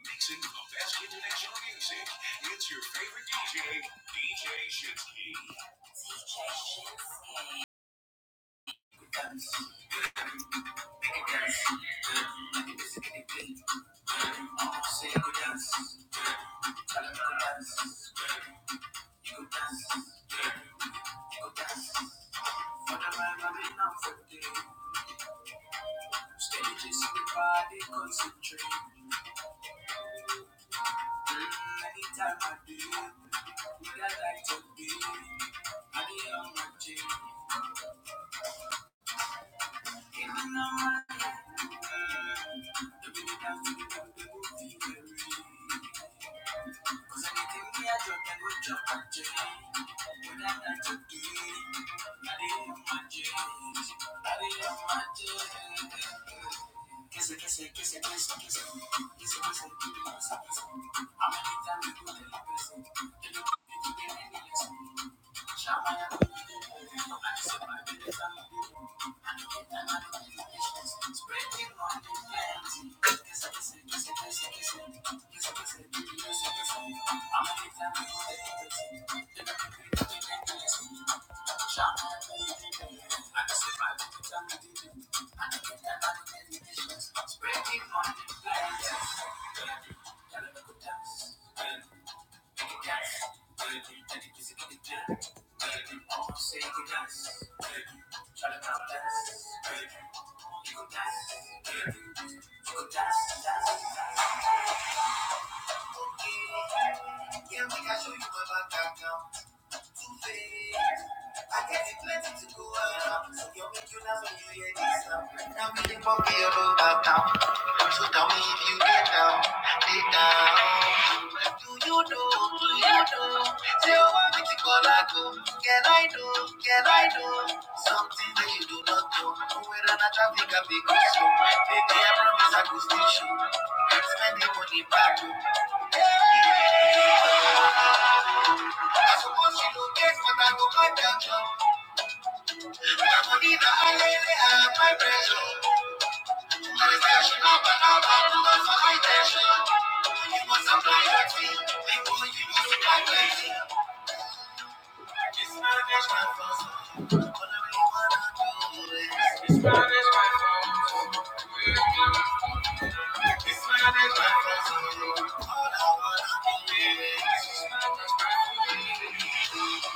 Mixing the best international music. It's your favorite DJ, DJ Shinsky.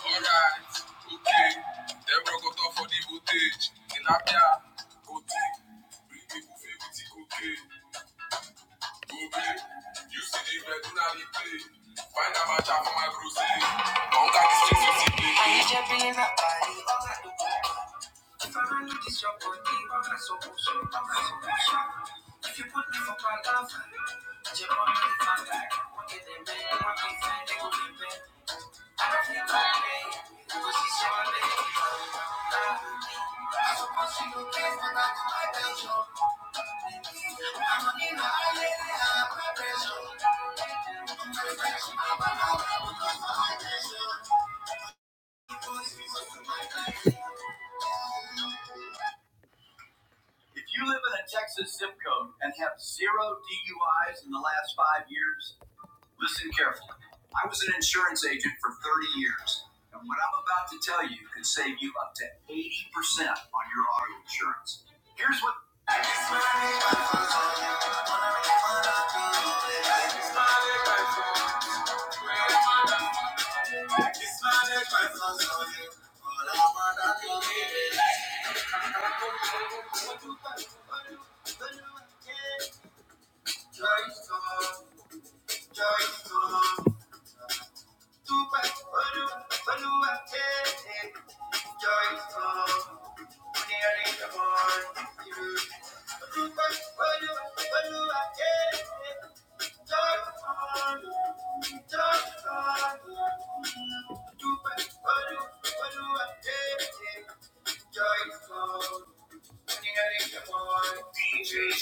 Alright, okay. Then we go talk for the voltage. In Abia, Gote. Bring people feel with the cocaine. Gobe. You see the regular replay. Find a match for my crusade. Don't got to see the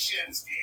Shinsky.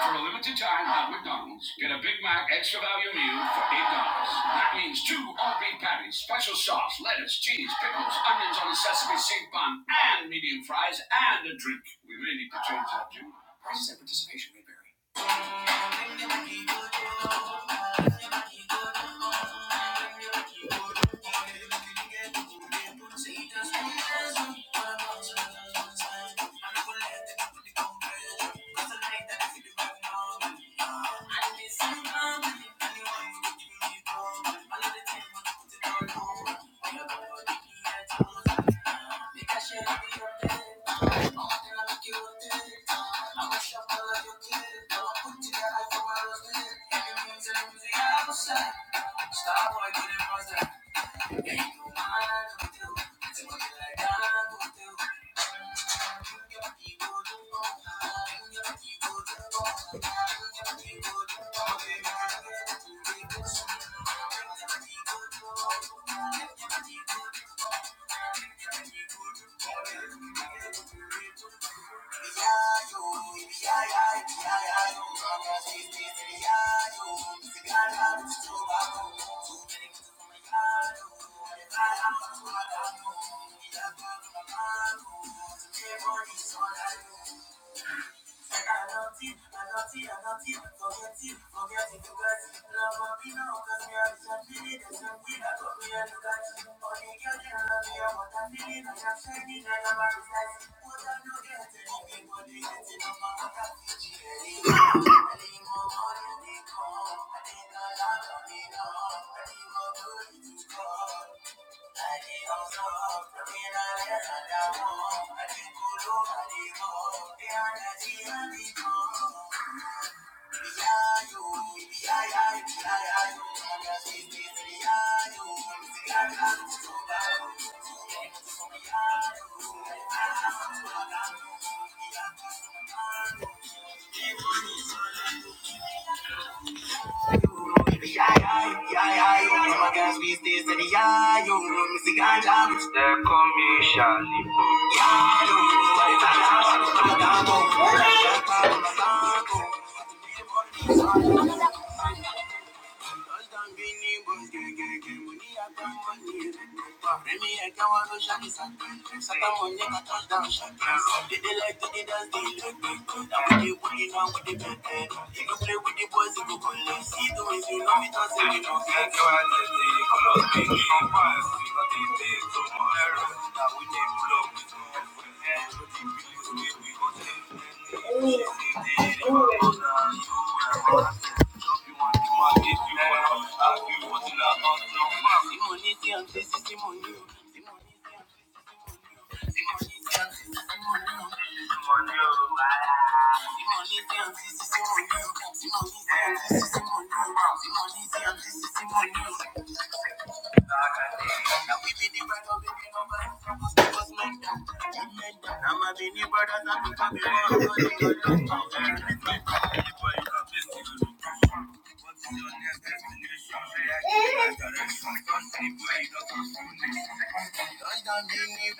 For a limited time at McDonald's, get a Big Mac extra value meal for $8. That means two all beef patties, special sauce, lettuce, cheese, pickles, onions on a sesame seed bun, and medium fries, and a drink. We may need to change that, Jim. Prices and participation may vary. Yeah, money. We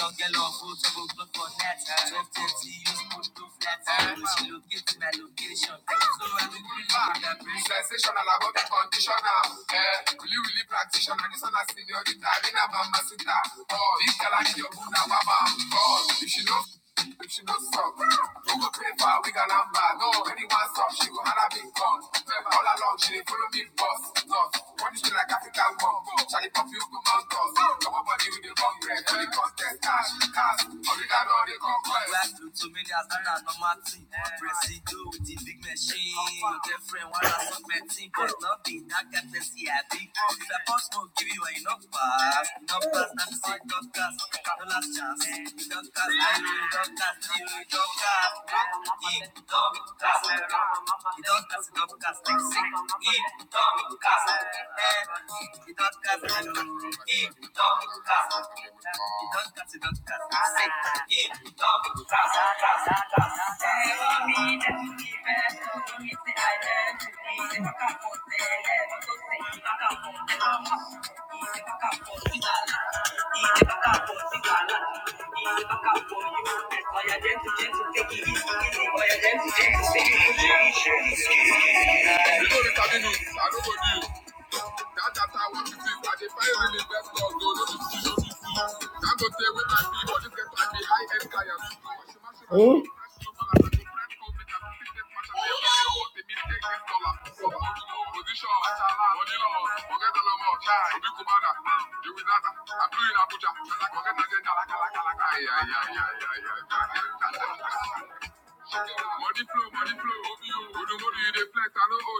all get love, go to go for net. 12 use put to flat. Location. Sensation about the conditioner. Eh, really, really practitioner. This one a senorita. Rina Bamba Sita. Oh, this girl I need your Buddha Baba. Oh, if she knows, if she knows stop. Who go pay for a wig and number? No, anyone stop. She go have a big gun. All along, she dey follow me. Thank you. That after what you see, I defy real investors, though, no be see, no be see. stay with my people, this get like the high-end clients. Hmm? I'm doing Abuja, forget agenda. Ay, ay, ay, ay, ay, Money flow, money flow, over you. Who do money they flex? I know how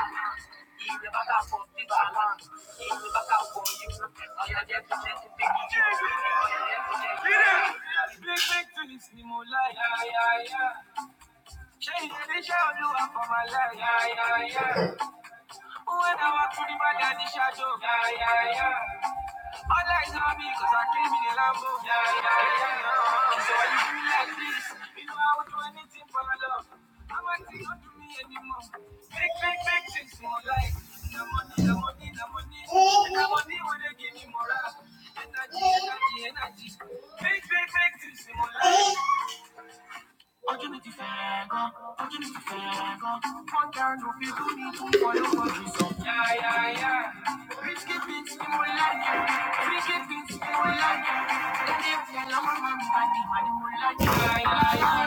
to feel. Yeah, yeah, yeah.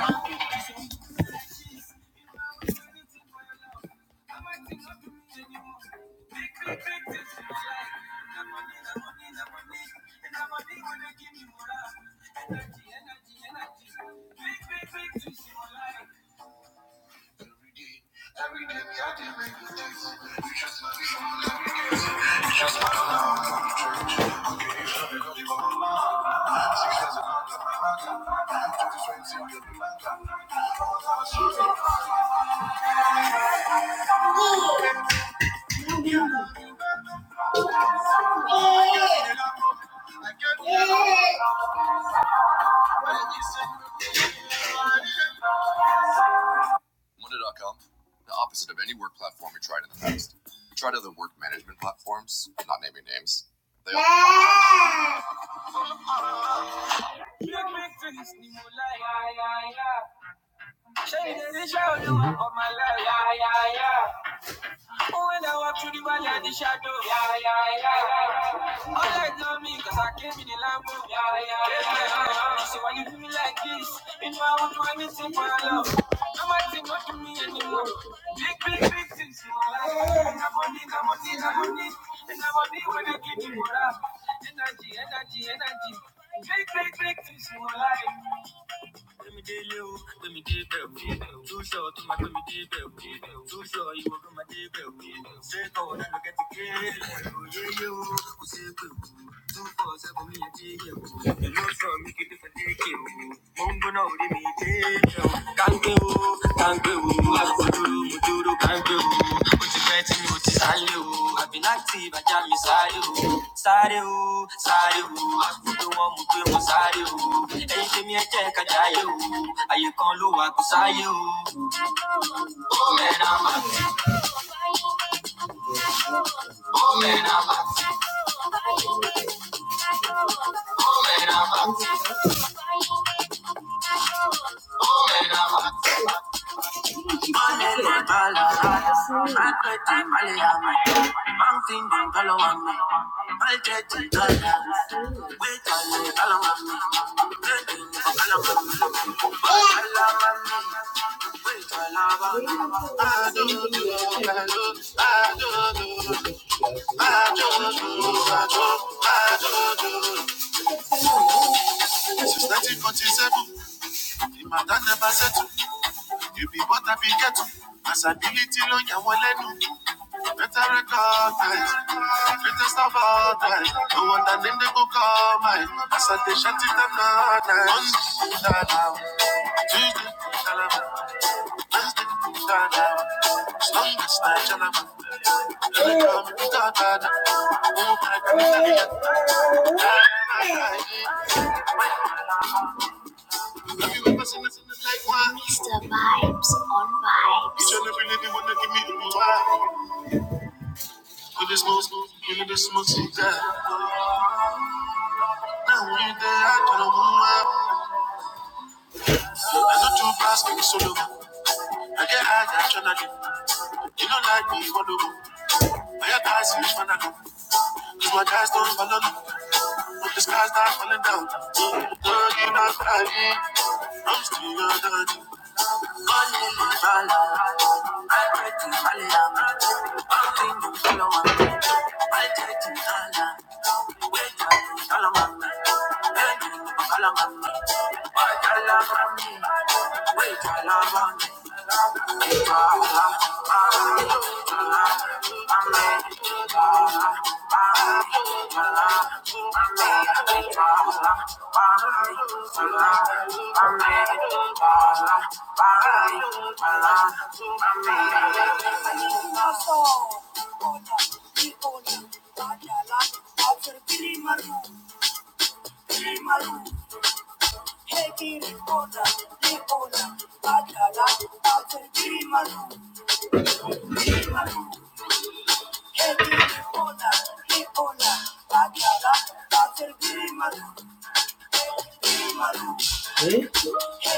I get high, I'm tryna You don't like me, what do? Now your guys switch, man, I know. Cause my guys don't follow me. But the sky's not falling down. Girl, you not crying. I'm still your daddy. Call me Bala. I pray to Allah. All things you follow me. I pray to Allah. Wait up, follow me. Wait up, follow me. Wait, Allah, me. Wait, Allah, me. Hey, You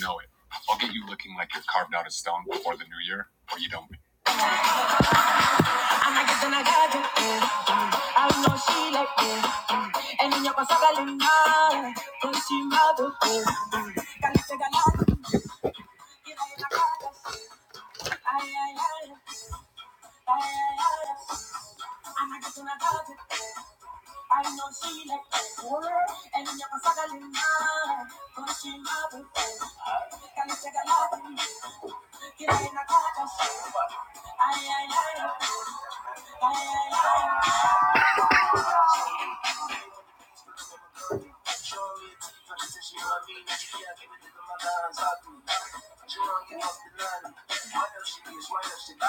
know, I'll get you looking like you're carved out as for the new year. It's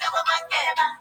about my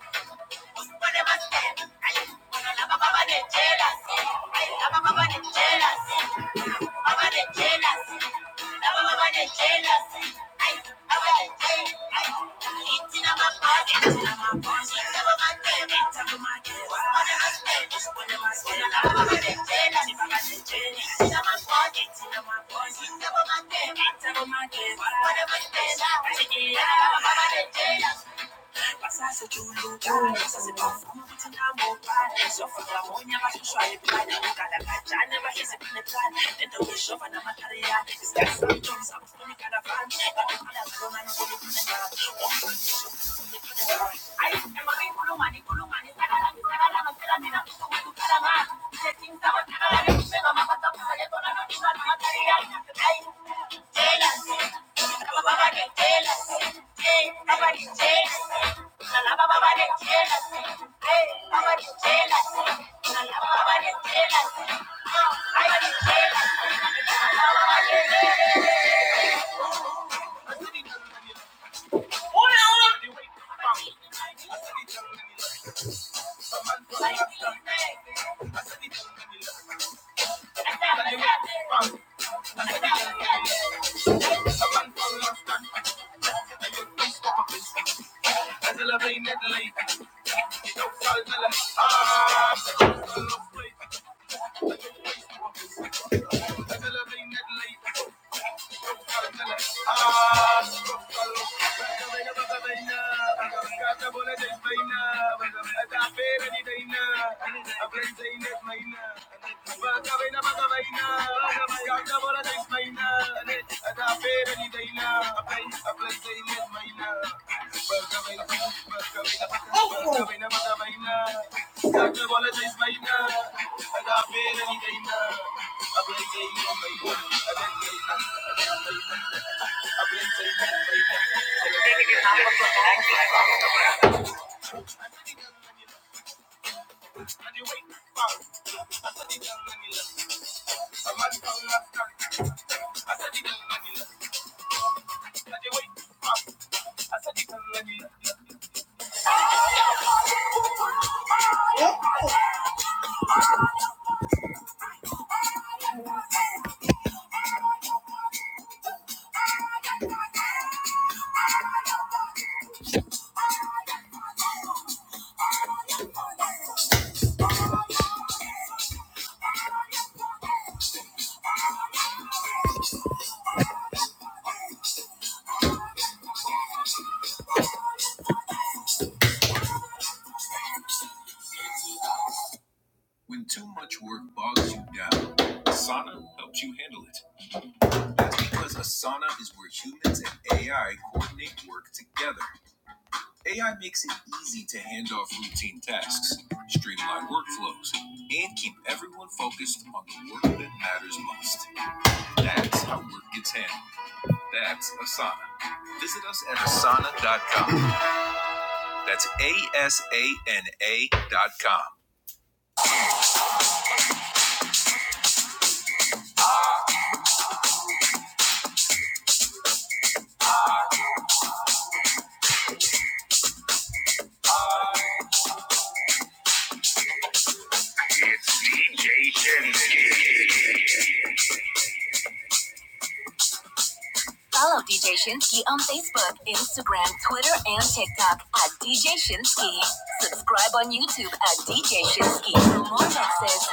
Follow DJ Shinsky on Facebook, Instagram, Twitter, and TikTok at DJ Shinsky. Subscribe on YouTube at DJ Shinsky for more mixes.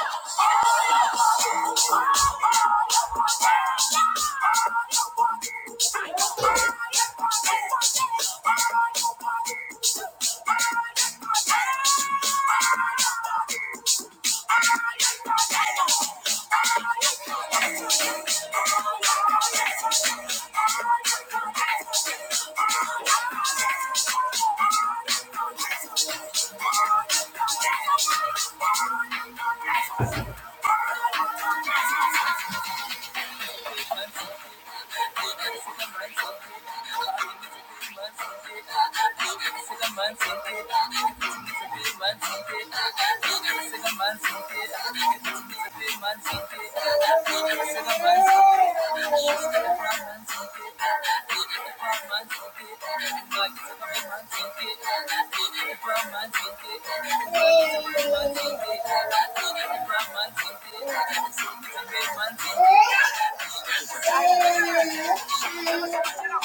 Hey. Savannah, I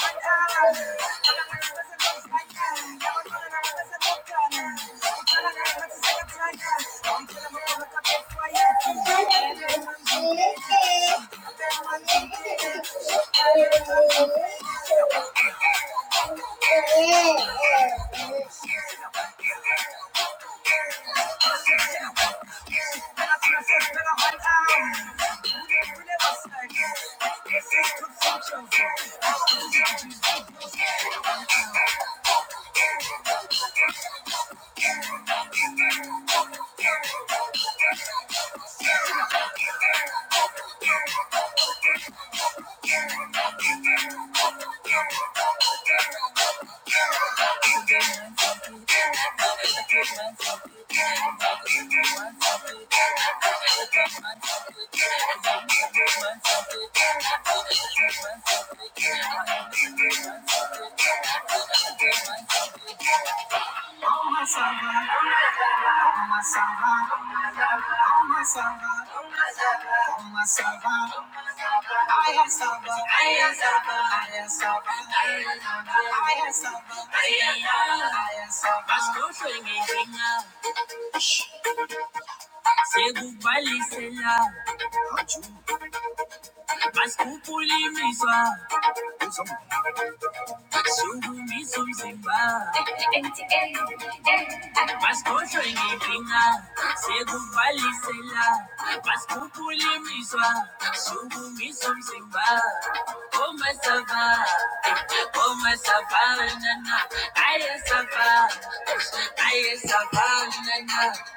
am Savannah, I am Savannah.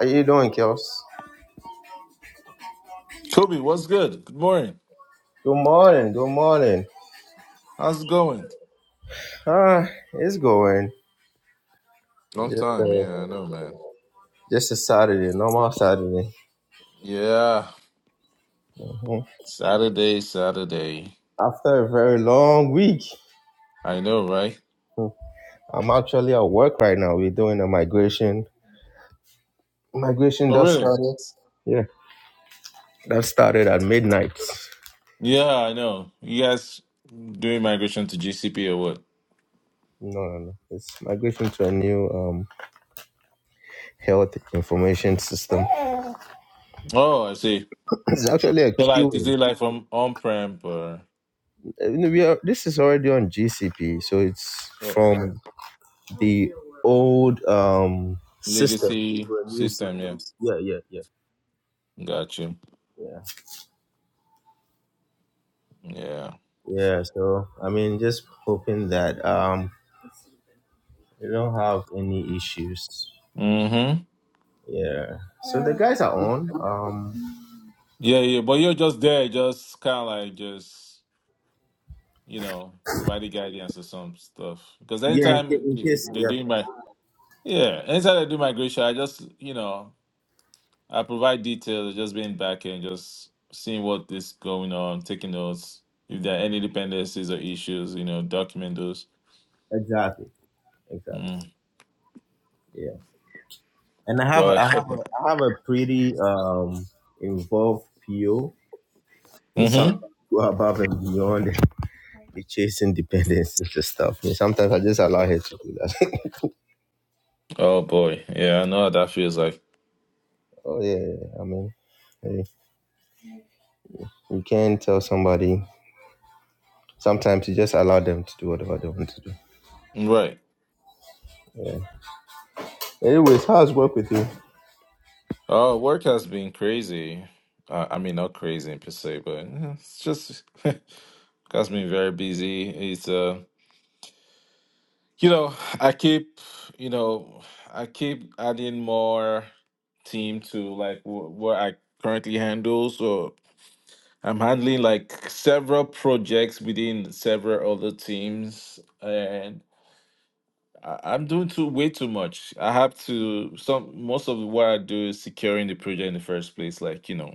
How you doing? Kobe, what's good? Good morning. How's it going? Long time. Yeah, I know, man. Yeah. Saturday, Saturday. I know, right? I'm actually at work right now. We're doing a migration. Migration Oh, does really? started. Yeah. That started at midnight. Yeah, I know. You guys doing migration to GCP or what? No, no, no. It's migration to a new um, health information system. Oh, I see. It's actually a So, like, is queuing. it like from on-prem or Uh, We are, this is already on GCP, so it's oh, from the old um, system legacy to a new system? system. Yeah. Yeah, yeah, yeah, Got you. yeah, Yeah. yeah. So I mean, just hoping that um, we don't have any issues. Mm-hmm. Yeah. So the guys are on. Um, Yeah, yeah. But you're just there, just kind of like just you know, provided guidance or some stuff. Because yeah, in ca- anytime in case. they Yeah, do my yeah, anytime I do migration, I just you know I provide details, just being back and just seeing what is going on, taking notes. If there are any dependencies or issues, you know, document those. exactly, exactly. Mm. Yeah. And I have But I have a, I have a pretty um involved PO who hmm sometimes go above and beyond the chase independence and stuff. And sometimes I just allow her to do that. oh boy, yeah, I know how that feels like. oh yeah, yeah, yeah, I mean, hey, you can't tell somebody. Sometimes you just allow them to do whatever they want to do. Right. Yeah. Anyways, how's work with you? Oh, work has been crazy. Uh, I mean, not crazy per se, but eh, it's just has been very busy. It's uh. You know, I keep, you know, I keep adding more team to like wh- what I currently handle. So I'm handling like several projects within several other teams, and I- I'm doing too way too much. I have to some most of what I do is securing the project in the first place. Like you know,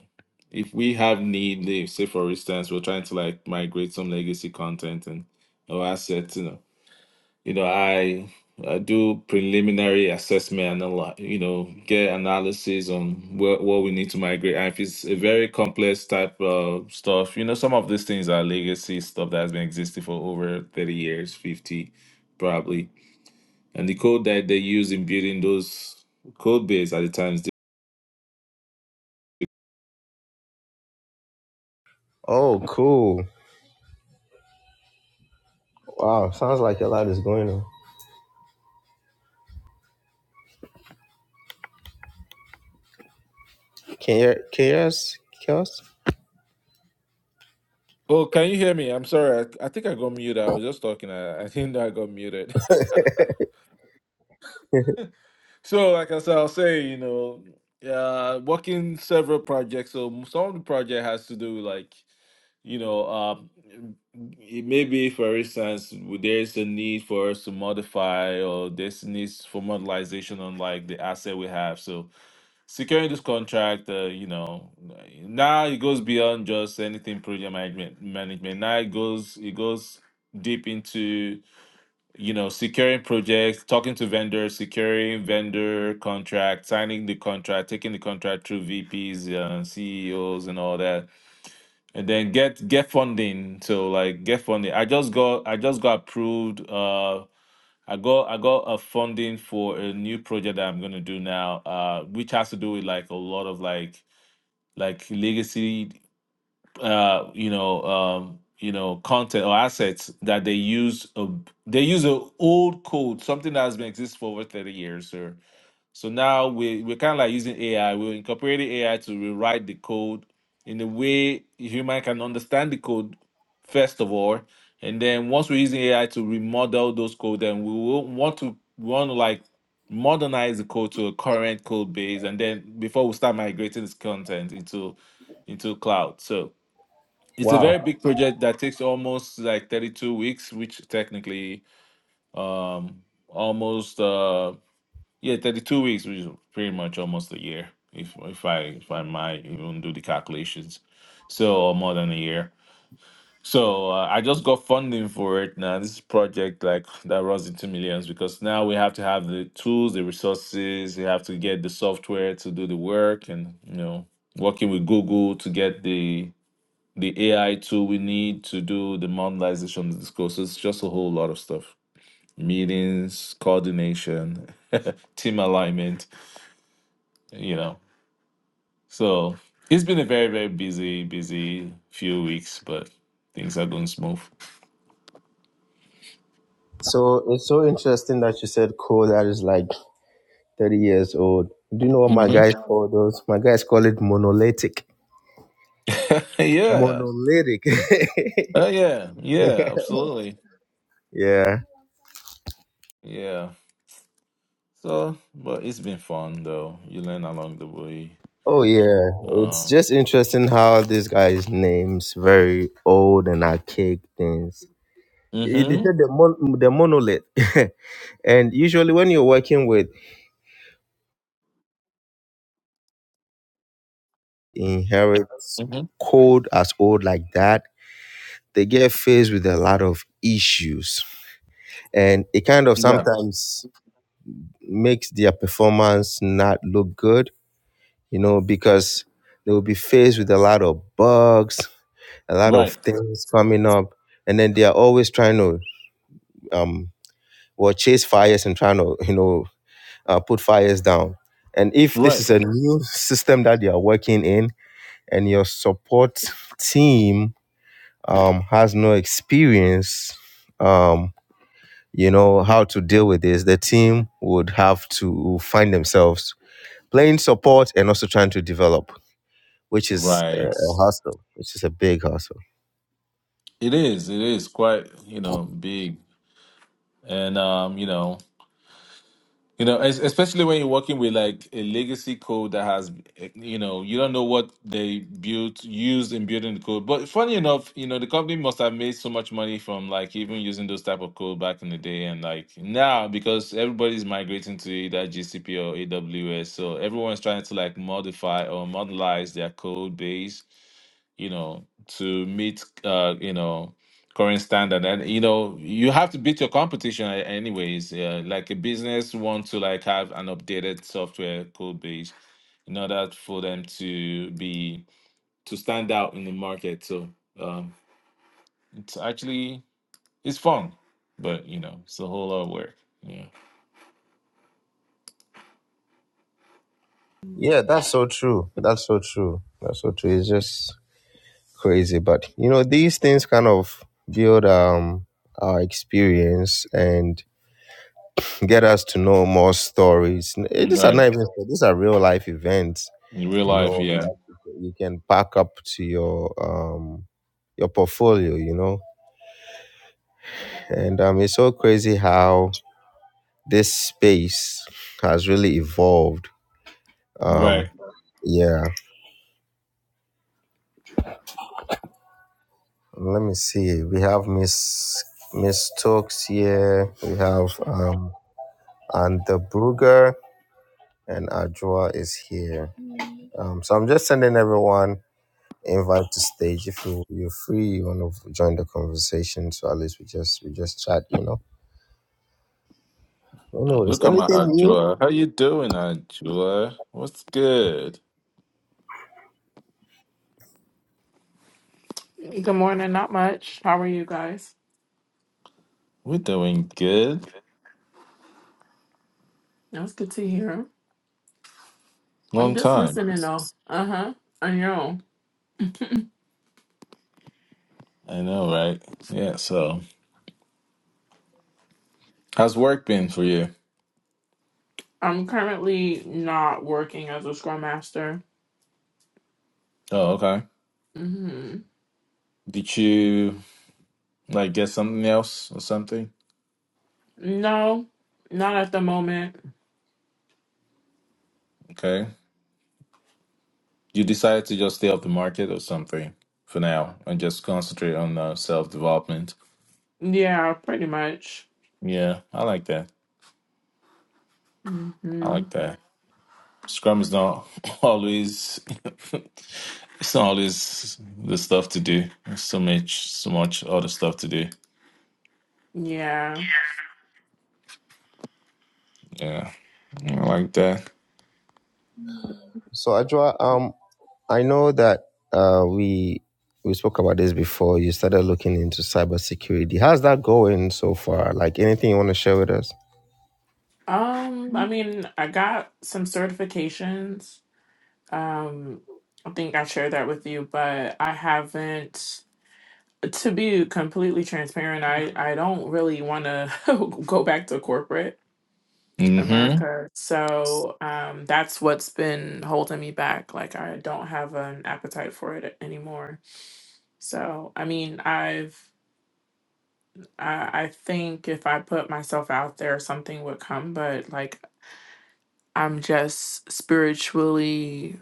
if we have need, like, say for instance, we're trying to like migrate some legacy content and or assets, you know you know i i do preliminary assessment and a lot you know get analysis on where, what we need to migrate and if it's a very complex type of stuff you know some of these things are legacy stuff that has been existing for over 30 years 50 probably and the code that they use in building those code base at the times Oh, cool. Wow, sounds like a lot is going on. Can you can you hear us? Chaos? oh can you hear me i'm sorry i, I think i got muted i was just talking i, I think i got muted So, like I said, I'll say, you know, uh, working several projects. So, some of the project has to do like, you know, um, it may be, for instance, w- there's a need for us to modify or there's needs for modernization on like the asset we have. So, securing this contract, uh, you know, now it goes beyond just anything project management. Management now it goes it goes deep into you know, securing projects, talking to vendors, securing vendor contract, signing the contract, taking the contract through VPs, uh, CEOs, and all that, and then get get funding. So like get funding. I just got I just got approved. Uh, I got I got a funding for a new project that I'm gonna do now, uh, which has to do with like a lot of like like legacy uh, you know, um, you know, content or assets that they use. A, they use an old code, something that has been exist for over thirty years, sir. So now we we're kind of like using AI. We're incorporating AI to rewrite the code in a way human can understand the code first of all, and then once we're using AI to remodel those code, then we will want to we want to like modernize the code to a current code base, and then before we start migrating this content into into cloud. So it's a Wow. very big project that takes almost like 32 weeks, which technically um almost uh yeah, 32 weeks, which is pretty much almost a year if if I if I might even do the calculations. So or more than a year. So uh, I just got funding for it now. This project like that runs into millions because now we have to have the tools, the resources, we have to get the software to do the work and you know working with Google to get the the AI tool we need to do the modelization of this course. It's just a whole lot of stuff. Meetings, coordination, team alignment, you know. So it's been a very, very busy, busy few weeks, but things are going smooth. So it's so interesting that you said cool. That is like 30 years old. Do you know what my hmm guys call those? My guys call it monolithic. yeah. Monolithic. Oh, yeah. Yeah. Absolutely. yeah. Yeah. So, but it's been fun though. You learn along the way. Oh, yeah. It's Um, just interesting how these guys' names very old and archaic things. They they mm-hmm. said the, mon- the monolith. and usually, when you're working with inheritance Mm-hmm. code as old like that, they get faced with a lot of issues. And it kind of Yeah. sometimes makes their performance not look good you know, because they will be faced with a lot of bugs, a lot of Right. things coming up, and then they are always trying to um, well chase fires and trying to you know uh, put fires down. And if this is Right. a new system that they are working in, and your support team um, has no experience, um, you know how to deal with this, the team would have to find themselves playing support and also trying to develop which is a, Right. a hustle, which is a big hustle. It is. It is quite, you know, big, and um, you know, you know, es- especially when you're working with like a legacy code that has, eh, you know, you don't know what they built, used in building the code. But funny enough, you know, the company must have made so much money from like even using those type of code back in the day, and like now because everybody's migrating to either GCP or AWS, so everyone's trying to like modify or modelize their code base you know, to meet, uh, you know, current standard. And, you know, you have to beat your competition a- anyways. Uh, like a business want to like have an updated software code base in order for them to be, to stand out in the market. So um, it's actually, it's fun, but, you know, it's a whole lot of work. Yeah. Yeah, that's so true. That's so true. That's so true. It's just crazy, but you know, these things kind of build um our experience and get us to know more stories. Eh, These are Right. not even these are real life events. In real You life, know, yeah. that you can pack up to your um your portfolio. You know, and um, it's so crazy how this space has really evolved. Right. Um, yeah. Let me see. We have Miss Miss Stokes here. We have um and the Brugger and Ajua is here. Um, so I'm just sending everyone invite to stage. If you you're free, you want to join the conversation. So at least we just we just chat, you know. Anyways, Look at anything my new? Ajua. How you doing, Ajua? What's good? Good morning. Not much. How are you guys? We're doing good. That's good to hear. I'm Long just time. listening though. Uh huh. I know. I know, right? Yeah, so how's work been for you? I'm currently not working as a scrum master. Oh, okay. hmm Did you like get something else or something? No, not at the moment. Okay. You decided to just stay off the market or something for now and just concentrate on uh, self-development. Yeah, pretty much. Yeah, I like that. I hmm like that. Scrum is not always it's not always the stuff to do. There's so much so much other stuff to do. Yeah. Yeah, I like that. So Ajua, um, I know that uh we we spoke about this before. You started looking into cybersecurity. How's that going so far? Like anything you want to share with us? Um. I mean, I got some certifications. Um. I think I shared that with you, but I haven't. to be completely transparent, I, I don't really want to go back to corporate hmm America. So um, that's what's been holding me back. Like I don't have an appetite for it anymore. So I mean, I've I, I think if I put myself out there, something would come. But like I'm just spiritually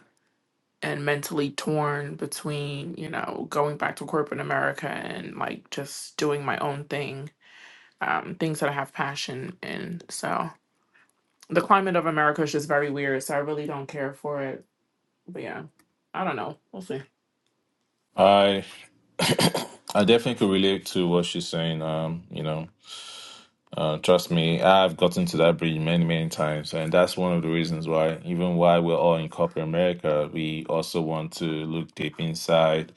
and mentally torn between you know going back to corporate America and like just doing my own thing um, things that I have passion in. So the climate of America is just very weird. So I really don't care for it. But yeah, I don't know. We'll see. I I definitely could relate to what she's saying. Um, you know, uh, trust me, I've gotten to that bridge many, many times, and that's one of the reasons why, even why we're all in corporate America, we also want to look deep inside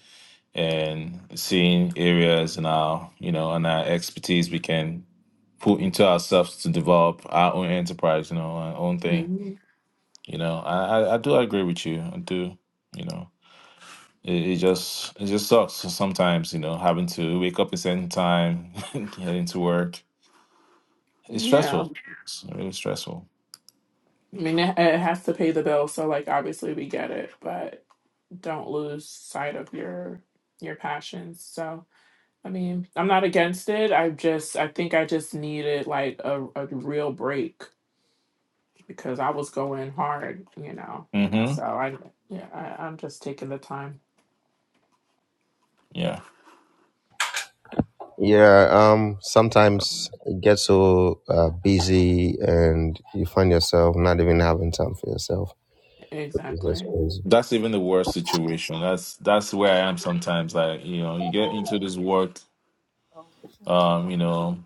and seeing areas in our, you know, and our expertise we can put into ourselves to develop our own enterprise, you know, our own thing. hmm You know, I I, I do agree with you. I do. You know. It, it just it just sucks sometimes, you know, having to wake up at certain time, heading to work. It's Yeah, stressful. It's really stressful. I mean it, it has to pay the bill. So like obviously we get it, but don't lose sight of your your passions. So I mean I'm not against it. I just I think I just needed like a, a real break because I was going hard, you know. hmm So I yeah I, I'm just taking the time Yeah. Yeah, um, sometimes you get so uh, busy and you find yourself not even having time for yourself. It's just exactly. crazy. That's even the worst situation. That's that's where I am sometimes. Like, you know, you get into this work, um, you know,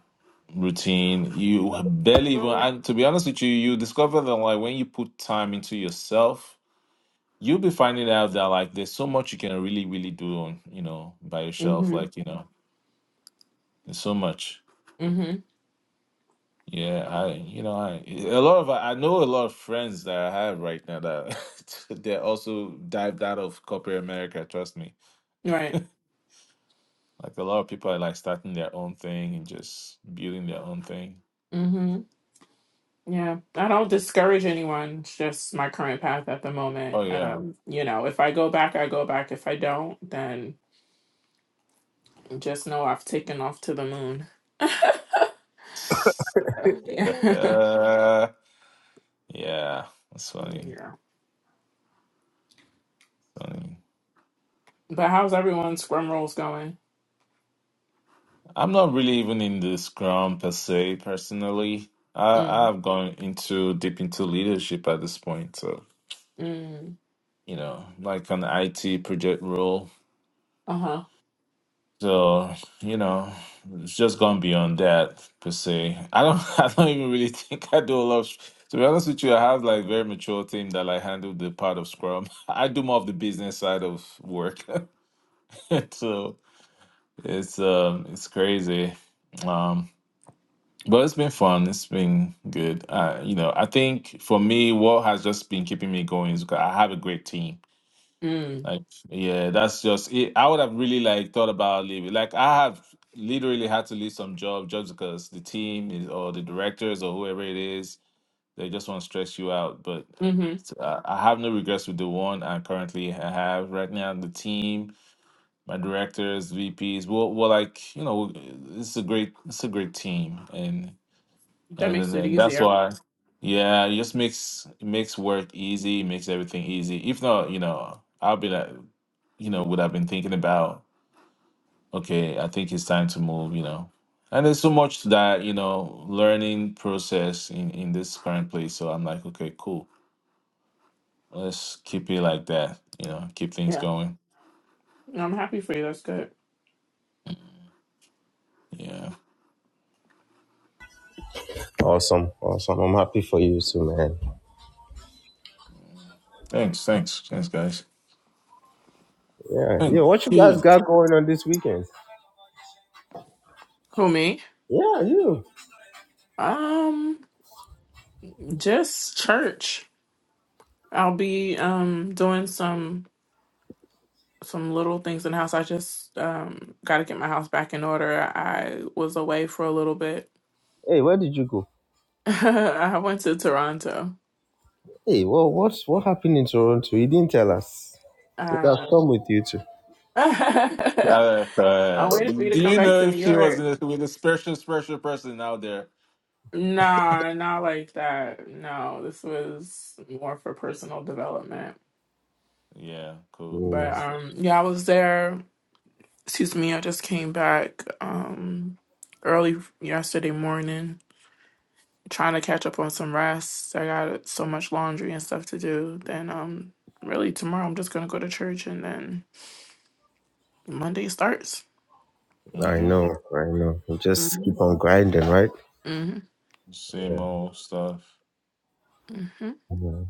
routine. You barely even and to be honest with you, you discover that like when you put time into yourself, you'll be finding out that like there's so much you can really, really do on, you know, by yourself. Like, you know, there's so much. Mm-hmm. Yeah, I you know I a lot of I know a lot of friends that I have right now that they also dived out of corporate America. Trust me, Right. like a lot of people are like starting their own thing and just building their own thing. Mm-hmm. Yeah. I don't discourage anyone. It's just my current path at the moment. Oh yeah, Um, you know, if I go back, I go back. If I don't, then just know I've taken off to the moon. Uh, yeah. uh, yeah, that's funny. yeah. Funny. But how's everyone's scrum rolls going? I'm not really even in the Scrum per se personally. I Mm. I've gone into deep into leadership at this point, so Mm. you know, like an IT project role Uh-huh. So, you know, it's just gone beyond that per se. I don't I don't even really think I do a lot of, to be honest with you, I have like very mature team that like handle the part of Scrum. I do more of the business side of work. So it's um it's crazy. Um but it's been fun. It's been good. Uh, you know, I think for me, what has just been keeping me going is 'cause I have a great team Mm. like, yeah, that's just it. I would have really like thought about leaving. Like, I have literally had to leave some job just because the team is, or the directors or whoever it is, they just want to stress you out. But Mm-hmm. s- uh, I have no regrets with the one I currently ha- have right now. The team, my directors, VPs, well, well, like you know, it's a great, it's a great team, and That and makes and, it and that's easier. why. Yeah, it just makes it makes work easy, makes everything easy. If not, you know, I'll be like you know, would have been thinking about, okay, I think it's time to move, you know. And there's so much to that, you know, learning process in, in this current place. So I'm like, okay, cool. Let's keep it like that, you know, keep things Yeah. going. I'm happy for you. That's good. Yeah. Awesome, awesome. I'm happy for you too, man. Thanks, thanks, thanks, guys. Yeah, yeah. Thank What you guys you. got going on this weekend? Who me? Yeah, you. Um, just church. I'll be um doing some some little things in the house. I just um, got to get my house back in order. I was away for a little bit. Hey, where did you go? I went to Toronto. Hey, well, what what happened in Toronto? You didn't tell us. Would have Um, come with you too. I'm Uh, uh, waiting for you to do come you back know to if New she was York. in- with a special, special person out there? Nah, not like that. No, this was more for personal development. Yeah, cool, But cool Mm, stuff. um, yeah, I was there. Excuse me, I just came back um, early yesterday morning trying to catch up on some rest. I got so much laundry and stuff to do. Then um really tomorrow I'm just gonna go to church and then Monday starts. I Mm-hmm. know, I know. You just hmm keep on grinding, right? hmm Same Yeah. old stuff. hmm yeah.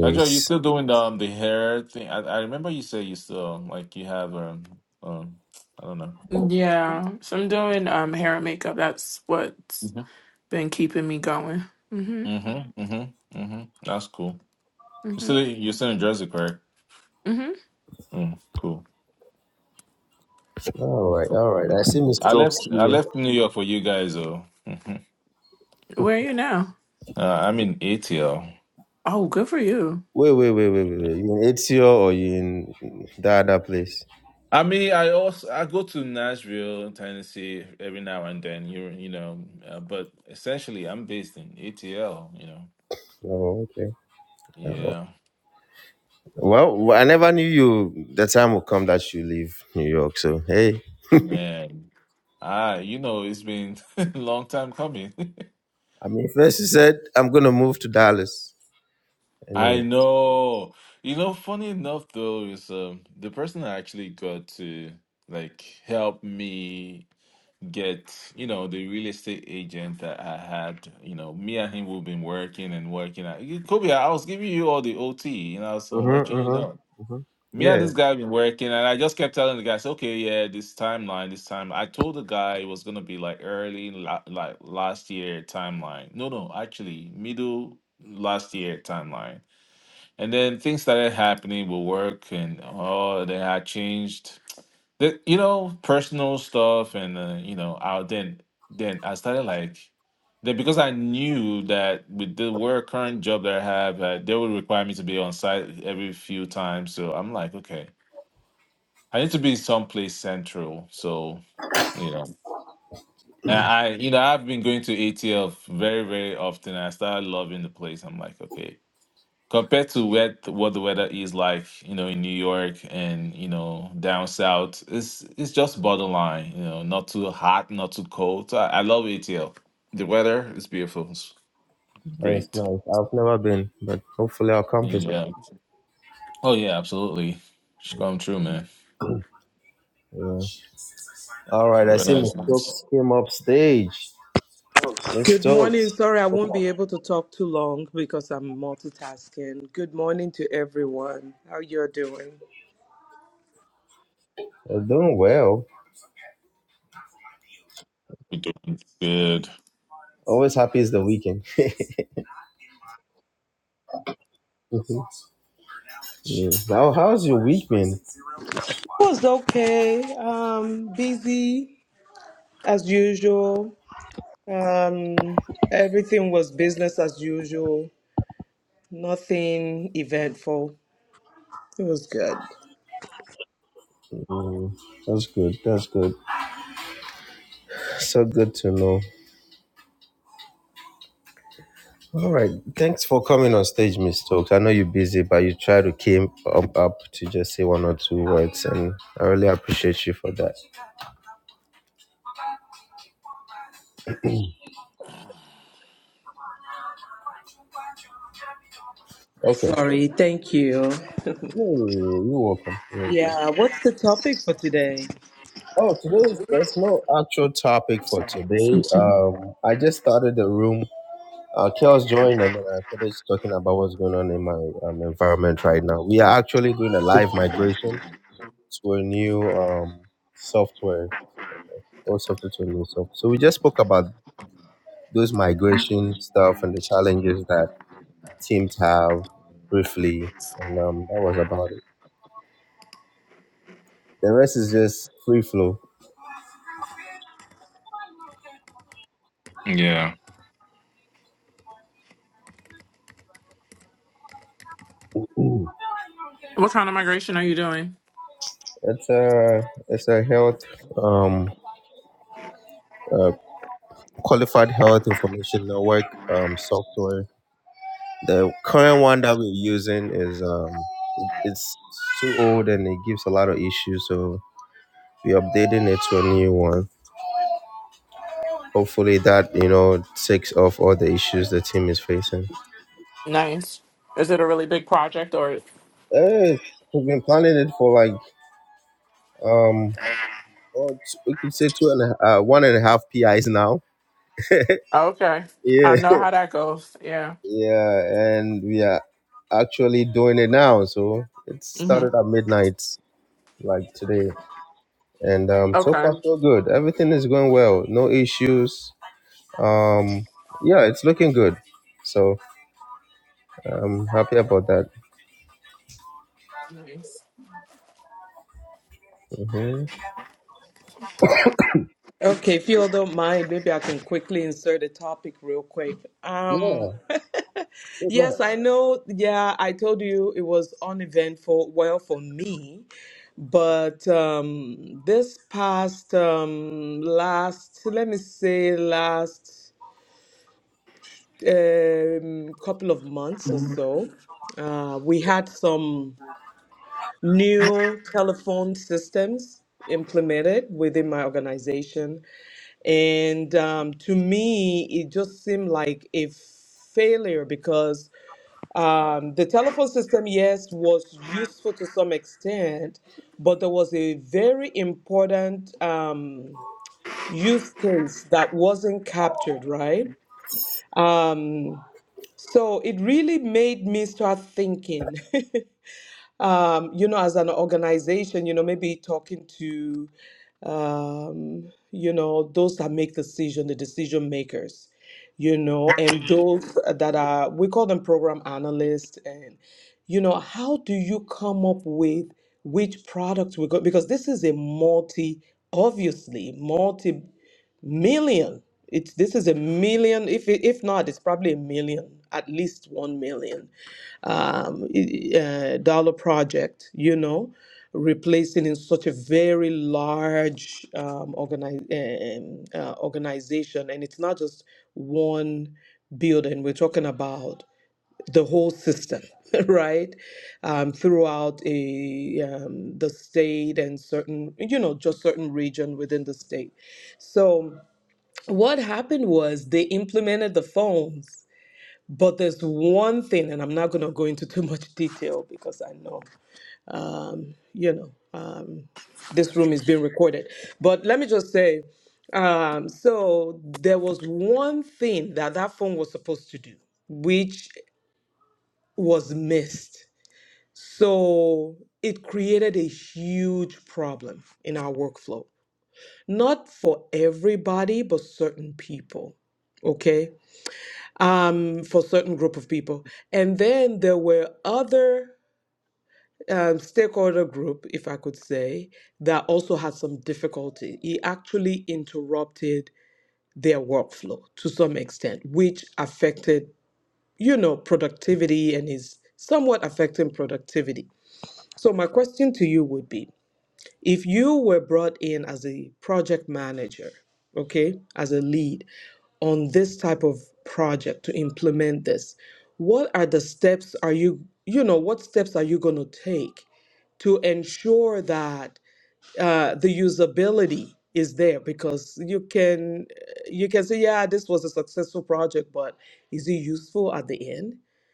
Joe, you still doing the um, the hair thing? I, I remember you said you still um, like you have um um I don't know. Yeah. So I'm doing um hair and makeup. That's what's Mm-hmm. been keeping me going. hmm Mm-hmm. Mm-hmm. hmm That's cool. You hmm still you're still in Jersey, correct? hmm Mm, cool. all right, Cool. all right. I see Mhm. Miss I Stokes left I here. left New York for you guys though. hmm Where are you now? Uh, I'm in ATL. Oh, good for you. Wait, wait, wait, wait, wait. wait. You in Ezio or you in that other place? I mean, I also I go to Nashville, Tennessee every now and then. You you know, uh, but essentially I'm based in ATL. You know, Oh, okay. Oh, yeah, Well, well, I never knew you. The time will come that you leave New York. So hey, man. Ah, you know, it's been a long time coming. I mean, first you said I'm gonna move to Dallas. I Anyway. know. You know, funny enough though, is um the person I actually got to like help me get, you know, the real estate agent that I had, you know, me and him we've been working and working. I, Kobe, I was giving you all the OT, you know, so I'm Mhm, letting you mhm, know. mhm. Me and Yeah, this guy been working, and I just kept telling the guys, okay, yeah, this timeline, this time. I told the guy it was gonna be like early, la- like last year timeline. No, no, actually, middle last year timeline. And then things started happening with work, and oh, then I changed, the, you know, personal stuff, and uh, you know, I then then I started like. Then because I knew that with the work current job that I have, uh, they would require me to be on site every few times. So I'm like, okay, I need to be someplace central. So, you know, and I, you know, I've been going to ATL very, very often. I started loving the place. I'm like, okay, compared to what what the weather is like, you know, in New York and, you know, down south, it's, it's just borderline, you know, not too hot, not too cold. So I, I love ATL. The weather is beautiful. It's that's great. nice. I've never been, but hopefully I'll come visit. Yeah. Oh, yeah, absolutely. It's come true, man. Yeah. All right, The I see weather Miss is nice. Stokes came up stage. Miss Good morning. Stokes, Sorry, I won't be able to talk too long because I'm multitasking. Good morning to everyone. How you're doing? It you're doing well. We're doing good. Always happy is the weekend. Yeah. How how's your week been? was okay. Um, busy as usual. Um, everything was business as usual. Nothing eventful. It was good. Mm, that's good. That's good. So good to know. All right. Thanks for coming on stage, Miss Stokes. I know you're busy, but you try to came up, up to just say one or two words, and I really appreciate you for that. Okay. Sorry. Thank you. Yeah, yeah, yeah, You're welcome. You're welcome. Yeah. What's the topic for today? Oh, today is- there's no actual topic for today. Um, I just started the room. Uh, Kels joined, and then I started talking about what's going on in my um, environment right now. We are actually doing a live migration to a new um, software or software to a new software. So we just spoke about those migration stuff and the challenges that teams have briefly, and um, that was about it. The rest is just free flow. Yeah. What kind of migration are you doing? It's a it's a health um, uh, qualified health information network um, software. The current one that we're using is um, it's too old and it gives a lot of issues. So we're updating it to a new one. hopefully that you know takes off all the issues the team is facing. Nice. Is it a really big project or Eh, we've been planning it for like um, well, t- we could say two and a, uh, one and a half PIs now. okay. I Yeah, know how that goes. Yeah. yeah, and we are actually doing it now. So it hmm started at midnight, like today, and um, so Okay. far so good. Everything is going well. No issues. Um, yeah, it's looking good. So I'm happy about that. Nice. hmm Okay, if you all don't mind, maybe I can quickly insert a topic real quick. Um, Yeah. yes, I know. Yeah, I told you it was uneventful, well, for me, but um, this past um, last, let me say, last um, couple of months or so, uh, we had some new telephone systems implemented within my organization. And um, to me, it just seemed like a failure because um, the telephone system, yes, was useful to some extent, but there was a very important um, use case that wasn't captured, right? Um, so it really made me start thinking um, you know, as an organization, you know, maybe talking to, um, you know, those that make decision, the decision makers, you know, and those that are, we call them program analysts, and you know, how do you come up with which products we go because this is a multi, obviously multi million. It's this is a million. If it- if not, it's probably a million, at least one million um, uh, dollar project, you know, replacing in such a very large um, organi- um, uh, organization. And it's not just one building, we're talking about the whole system, right? Um, throughout a, um, the state and certain, you know, just certain region within the state. So what happened was they implemented the phones but there's one thing, and I'm not going to go into too much detail because I know, um, you know, um, this room is being recorded. But let me just say, um, so there was one thing that that phone was supposed to do, which was missed. So it created a huge problem in our workflow. Not for everybody, but certain people okay, for certain group of people. And then there were other um, stakeholder group, if I could say, that also had some difficulty. It actually interrupted their workflow to some extent, which affected, you know, productivity and is somewhat affecting productivity. So my question to you would be, if you were brought in as a project manager, okay, as a lead, on this type of project to implement this what are the steps are you you know what steps are you going to take to ensure that uh, the usability is there because you can you can say yeah this was a successful project but is it useful at the end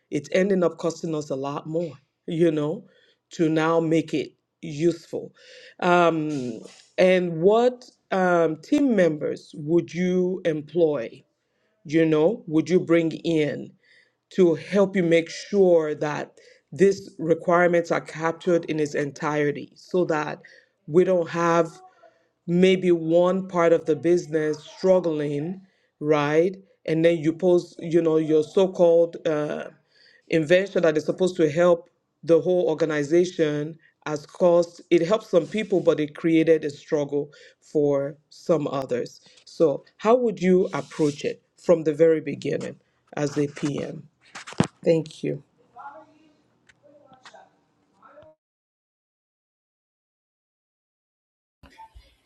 it's ending up costing us a lot more you know to now make it useful um, and what um, team members would you employ you know, would you bring in to help you make sure that these requirements are captured in its entirety so that we don't have maybe one part of the business struggling, right? And then you post, you know, your so-called uh, invention that is supposed to help the whole organization has caused it helps some people, but it created a struggle for some others. So, how would you approach it from the very beginning as a PM? Thank you.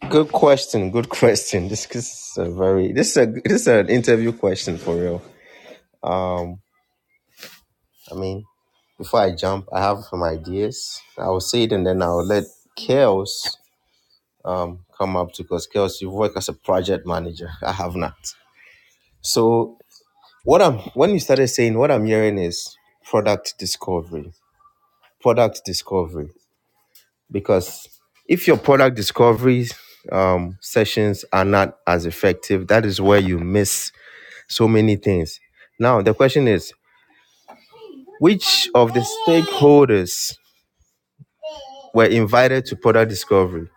Good question. Good question. This, is a very this is a this is an interview question for real. Um, I mean, before I jump, I have some ideas. I will say it and then I'll let Kels um come up to because Kels, you work as a project manager. I have not. So what I'm when you started saying what I'm hearing is product discovery. Product discovery. Because if your product discovery um, sessions are not as effective, that is where you miss so many things. Now, the question is which of the stakeholders were invited to product discovery?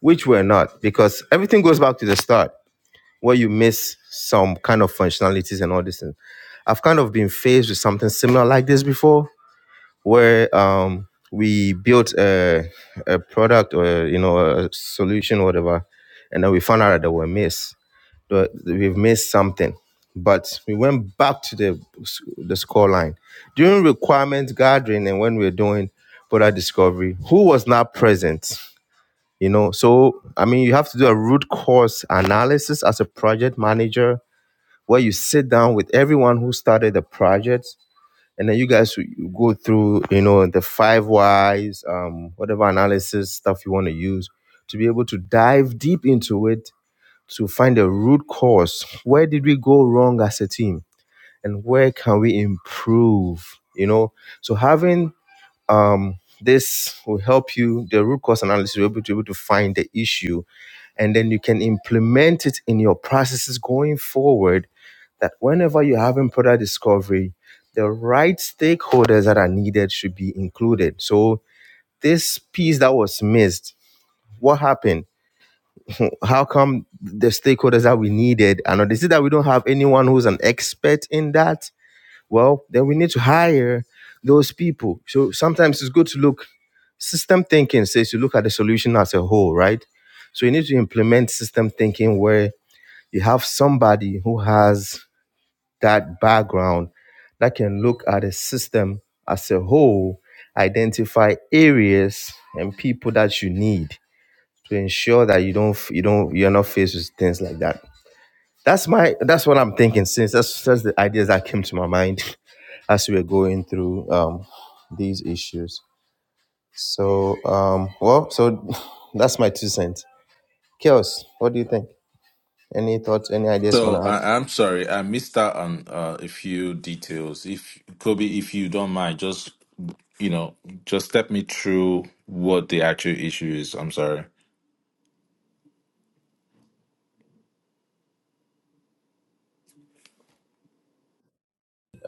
Which were not? Because everything goes back to the start where you miss some kind of functionalities and all this. things. I've kind of been faced with something similar like this before where um, we built a, a product or you know a solution whatever and then we found out that there were miss but we've missed something. But we went back to the the score line during requirements gathering and when we were doing product discovery. Who was not present? You know, so I mean, you have to do a root cause analysis as a project manager, where you sit down with everyone who started the project, and then you guys go through, you know, the five whys, um, whatever analysis stuff you want to use to be able to dive deep into it to find the root cause. Where did we go wrong as a team? And where can we improve? You know, so having um, this will help you, the root cause analysis, you'll be able to find the issue. And then you can implement it in your processes going forward that whenever you're having product discovery, the right stakeholders that are needed should be included. So this piece that was missed, what happened? how come the stakeholders that we needed and they see that we don't have anyone who's an expert in that well then we need to hire those people so sometimes it's good to look system thinking says you look at the solution as a whole right so you need to implement system thinking where you have somebody who has that background that can look at a system as a whole identify areas and people that you need to ensure that you don't f- you don't you're not faced with things like that. That's my that's what I'm thinking since that's that's the ideas that came to my mind as we were going through um these issues. So um well so that's my two cents. Chaos, what do you think? Any thoughts, any ideas you So wanna add? I, I'm sorry, I missed out on uh, a few details. If Kobe, if you don't mind, just you know, just step me through what the actual issue is. I'm sorry.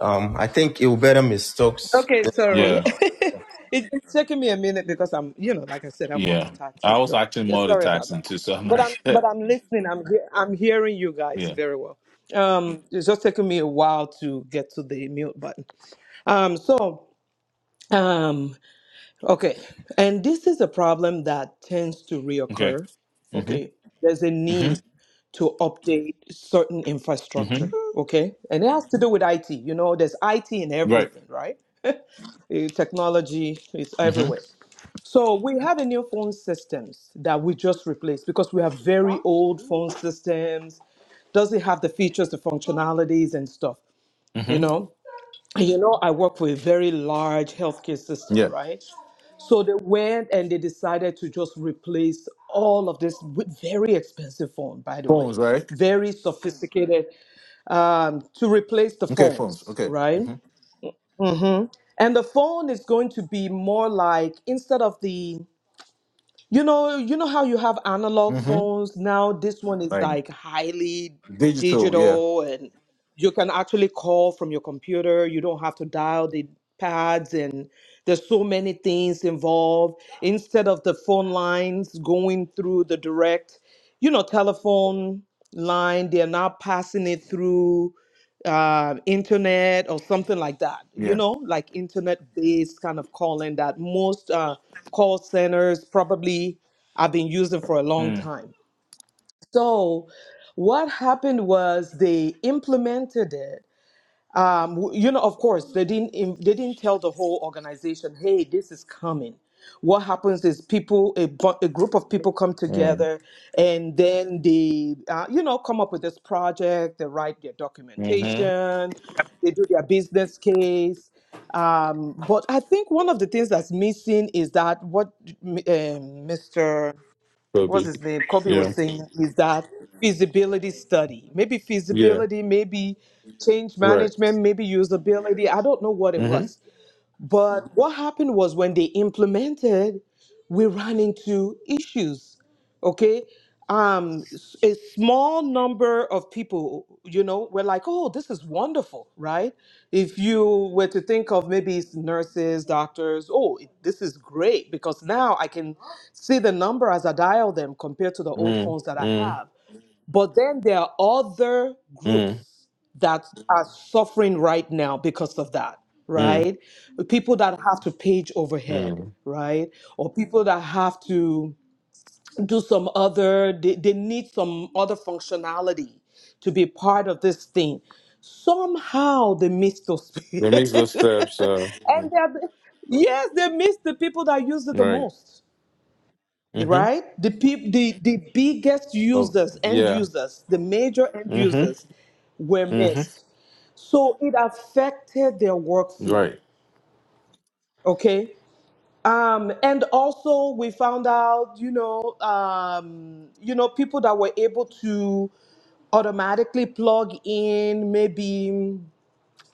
Um I think it will better miss stocks. Okay, sorry. Yeah, It- it's taking me a minute because I'm, you know, like I said, I'm yeah. multitasking. I was So actually yeah, sorry about multitasking that. too, so I'm But like, I'm, but I'm listening. I'm, he- I'm hearing you guys yeah, very well. Um, it's just taking me a while to get to the mute button. Um, so, um, okay, and this is a problem that tends to okay. reoccur. Mm-hmm, Okay, there's a need mm-hmm, to update certain infrastructure. mm-hmm. Okay, and it has to do with IT. You know, there's IT in Right. everything, right? Eh, Technology is everywhere. Mm-hmm, So we have a new phone systems that we just replaced because we have very old phone systems. Doesn't have the features, the functionalities and stuff, you mm-hmm. know. And You know, I work for a very large healthcare system, Yeah. right? So they went and they decided to just replace all of this with very expensive phone, by the way, Phones, right? very sophisticated um, to replace the Okay, phones. phones, Okay. right? Mm-hmm, And the phone is going to be more like instead of the you know you know how you have analog mm-hmm. phones now this one is Like like highly digital. Yeah, digital and you can actually call from your computer you don't have to dial the pads and there's so many things involved instead of the phone lines going through the direct you know telephone line they're now passing it through uh, internet or something like that, you yeah. know, like internet based kind of calling that most uh, call centers probably have been using for a long Mm. time. So, what happened was they implemented it um, w- you know, of course, they didn't in- they didn't tell the whole organization, "Hey, this is coming." What happens is people a, bu- a group of people come Mm. together and then they uh, you know come up with this project. They write their Mm-hmm. documentation, they do their business case. Um, but I think one of the things that's missing is that what um, Mr what's Kobe. his name? Kobe was Yeah. saying is that feasibility study. Maybe Yeah. feasibility, maybe change Right. management, maybe usability. I don't know what it was. But what happened was when they implemented, we ran into issues. Okay. Um, s- a small number of people, you know, were like, oh, this is wonderful, right? If you were to think of maybe it's nurses, doctors, oh, it- this is great because now I can see the number as I dial them compared to the old Mm, phones that I mm, have. But then there are other mm, groups that are suffering right now because of that, mm, right? People that have to page overhead, mm. right? Or people that have to do some other, they, they need some other functionality to be part of this thing. Somehow they miss those people. That means those steps, uh, and mm, they're- yes, they miss the people that use it the right. most Mm-hmm. right? The peop- the the biggest Oh, users, end yeah. users, the major end Mm-hmm. users were Mm-hmm. missed. So it affected their workflow. Right. Okay. Um, and also we found out, you know, um, you know, people that were able to automatically plug in maybe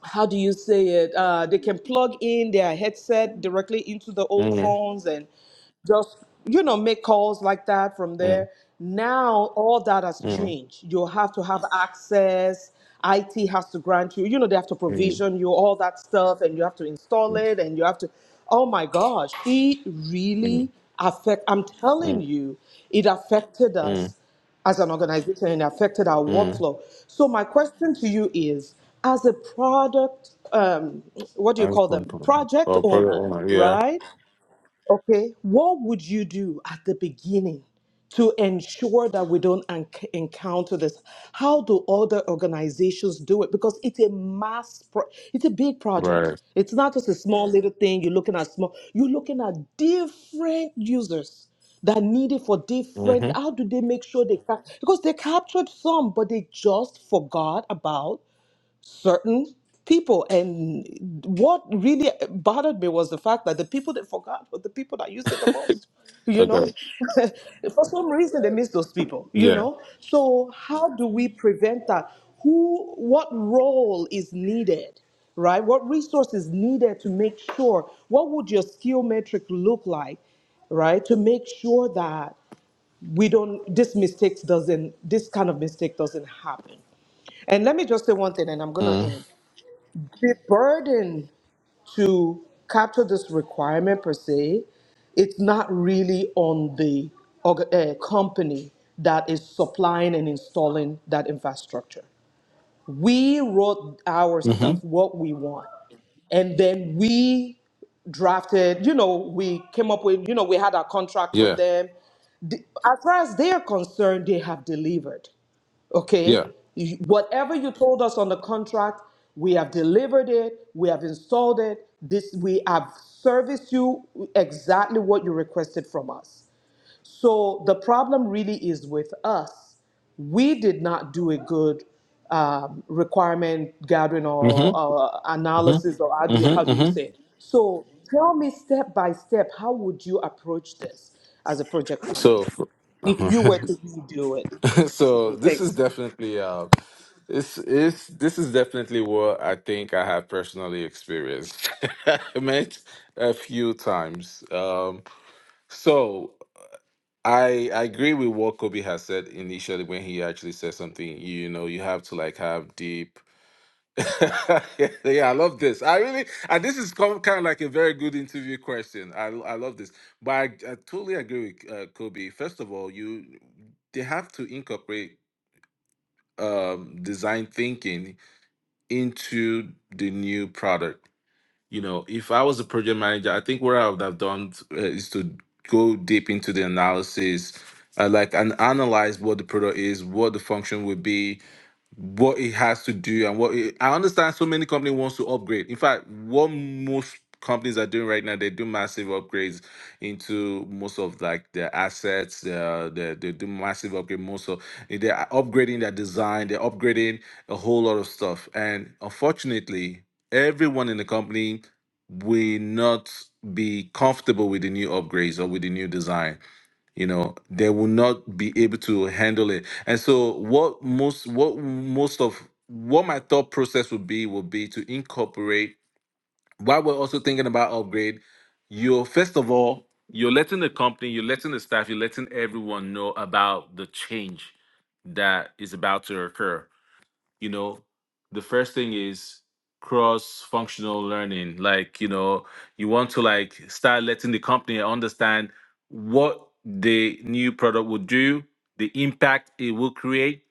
how do you say it? Uh, they can plug in their headset directly into the old Mm, phones and just, you know, make calls like that from mm, there. Now, all that has mm, changed. You have to have access. IT has to grant you, you know, they have to mm, provision you all that stuff and you have to install mm, it and you have to, oh my gosh, it mm, really affect. I'm telling mm, you, it affected mm, us as an organization and affected our mm. workflow. So my question to you is, as a product, um, what do you I just call want them, to put them- project Oh, put it owner, on. Yeah. right? Okay, what would you do at the beginning to ensure that we don't enc- encounter this? How do other organizations do it? Because it's a mass, pro- it's a big project. Right. It's not just a small little thing. You're looking at small. You're looking at different users that need it for different. Mm-hmm. How do they make sure they ca- because they captured some, but they just forgot about certain people. And what really bothered me was the fact that the people they forgot were the people that used it the most, you know? Okay. For some reason, they miss those people, you Yeah. know? So, how do we prevent that? Who, what role is needed? Right? What resources needed to make sure? What would your skill metric look like? right to make sure that we don't this mistakes doesn't this kind of mistake doesn't happen and let me just say one thing and i'm going to Mm. end the burden to capture this requirement per se, it's not really on the org- uh, company that is supplying and installing that infrastructure. We wrote our stuff, Mm-hmm. what we want, and then we drafted. You know, we came up with. You know, we had our contract with Yeah. them. The- As far as they are concerned, they have delivered. Yeah. Okay? You- Whatever you told us on the contract, we have delivered it, we have installed it, this we have serviced you exactly what you requested from us. So the problem really is with us. We did not do a good um, requirement gathering or, Mm-hmm. or analysis, or how Mm-hmm. do you, how do you Mm-hmm. say it? So tell me step by step, how would you approach this as a project Mm-hmm. manager So. if you were to redo it? so Mm, this is Thanks. definitely uh it's it's this is definitely what I think I have personally experienced met a few times. Um so I I agree with what Kobe has said initially when he actually said something, you know, you have to like have deep yeah, I love this. I really, and this is kind of like a very good interview question. I, I love this, but I, I totally agree with uh, Kobe. First of all, you they have to incorporate um, design thinking into the new product. You know, if I was a project manager, I think what I would have done uh, is to go deep into the analysis, uh, like and analyze what the product is, what the function would be, what it has to do and what it, I understand so many companies wants to upgrade. In fact, what most companies are doing right now, they do massive upgrades into most of like their assets. Uh, they, they do massive upgrade most of they're upgrading their design, they're upgrading a whole lot of stuff. And unfortunately, everyone in the company will not be comfortable with the new upgrades or with the new design you know they will not be able to handle it and so what most what most of what my thought process would be would be to incorporate while we're also thinking about upgrade you're first of all you're letting the company you're letting the staff you're letting everyone know about the change that is about to occur you know the first thing is cross functional learning like you know you want to like start letting the company understand what the new product will do the impact it will create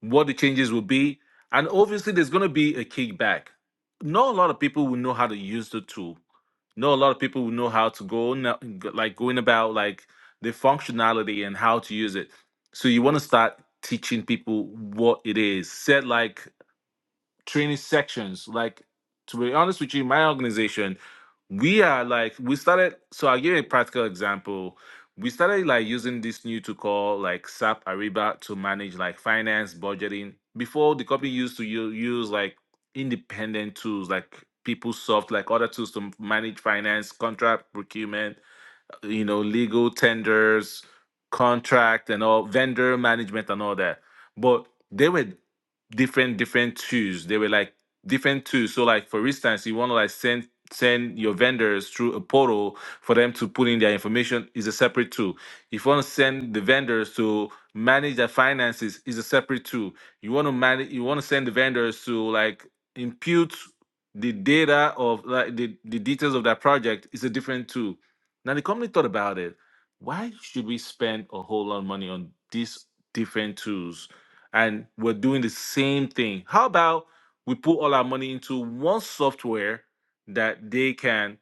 what the changes will be and obviously there's going to be a kickback not a lot of people will know how to use the tool not a lot of people will know how to go na- like going about like the functionality and how to use it so you want to start teaching people what it is. Set like training sections. Like to be honest with you, my organization, we are like we started. So I'll give you a practical example. We started like using this new tool called like SAP Ariba to manage like finance budgeting. Before the company used to u- use like independent tools like PeopleSoft, like other tools to manage finance, contract procurement, you know, legal tenders, contract and all, vendor management and all that. But they were different, different tools. They were like different tools. So like for instance, you want to like send send your vendors through a portal for them to put in their information is a separate tool. If you want to send the vendors to manage their finances is a separate tool. You want to manage you want to send the vendors to like impute the data of like the, the details of that project is a different tool now the company thought about it. Why should we spend a whole lot of money on these different tools? And we're doing the same thing. How about we put all our money into one software that they can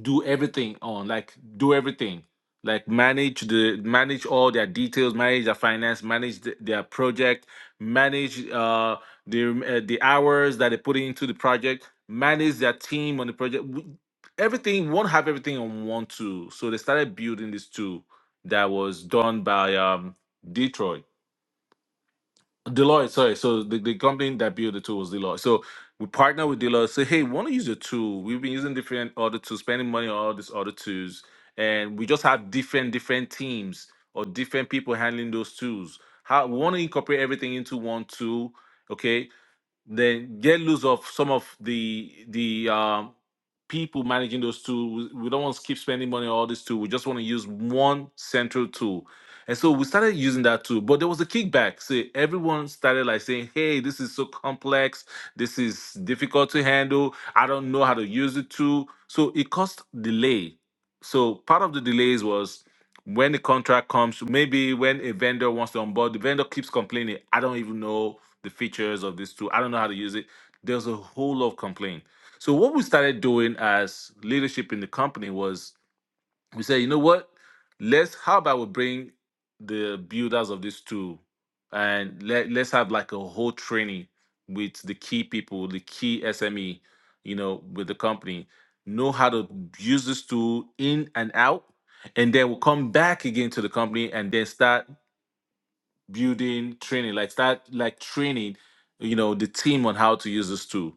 do everything on like do everything like manage the manage all their details manage their finance manage the, their project manage uh the uh, the hours that they put into the project manage their team on the project W- everything won't have everything on one tool so they started building this tool that was done by um detroit Deloitte, sorry. So the, the company that built the tool was Deloitte. So we partner with Deloitte, say, hey, we want to use your tool. We've been using different other tools, spending money on all these other tools. And we just have different different teams or different people handling those tools. How we want to incorporate everything into one tool. Okay then get loose of some of the the um, people managing those tools. We don't want to keep spending money on all these tools. We just want to use one central tool. And so we started using that tool, but there was a kickback. See, everyone started like saying, "Hey, this is so complex. This is difficult to handle. I don't know how to use the tool." So it caused delay. So part of the delays was when the contract comes, maybe when a vendor wants to onboard, the vendor keeps complaining, "I don't even know the features of this tool. I don't know how to use it. There's a whole lot of complaint. So what we started doing as leadership in the company was we said, you know what? Let's how about we bring the builders of this tool and let, let's have like a whole training with the key people, the key SME, you know, with the company, know how to use this tool in and out. And then we'll come back again to the company and then start building training like start like training you know the team on how to use this tool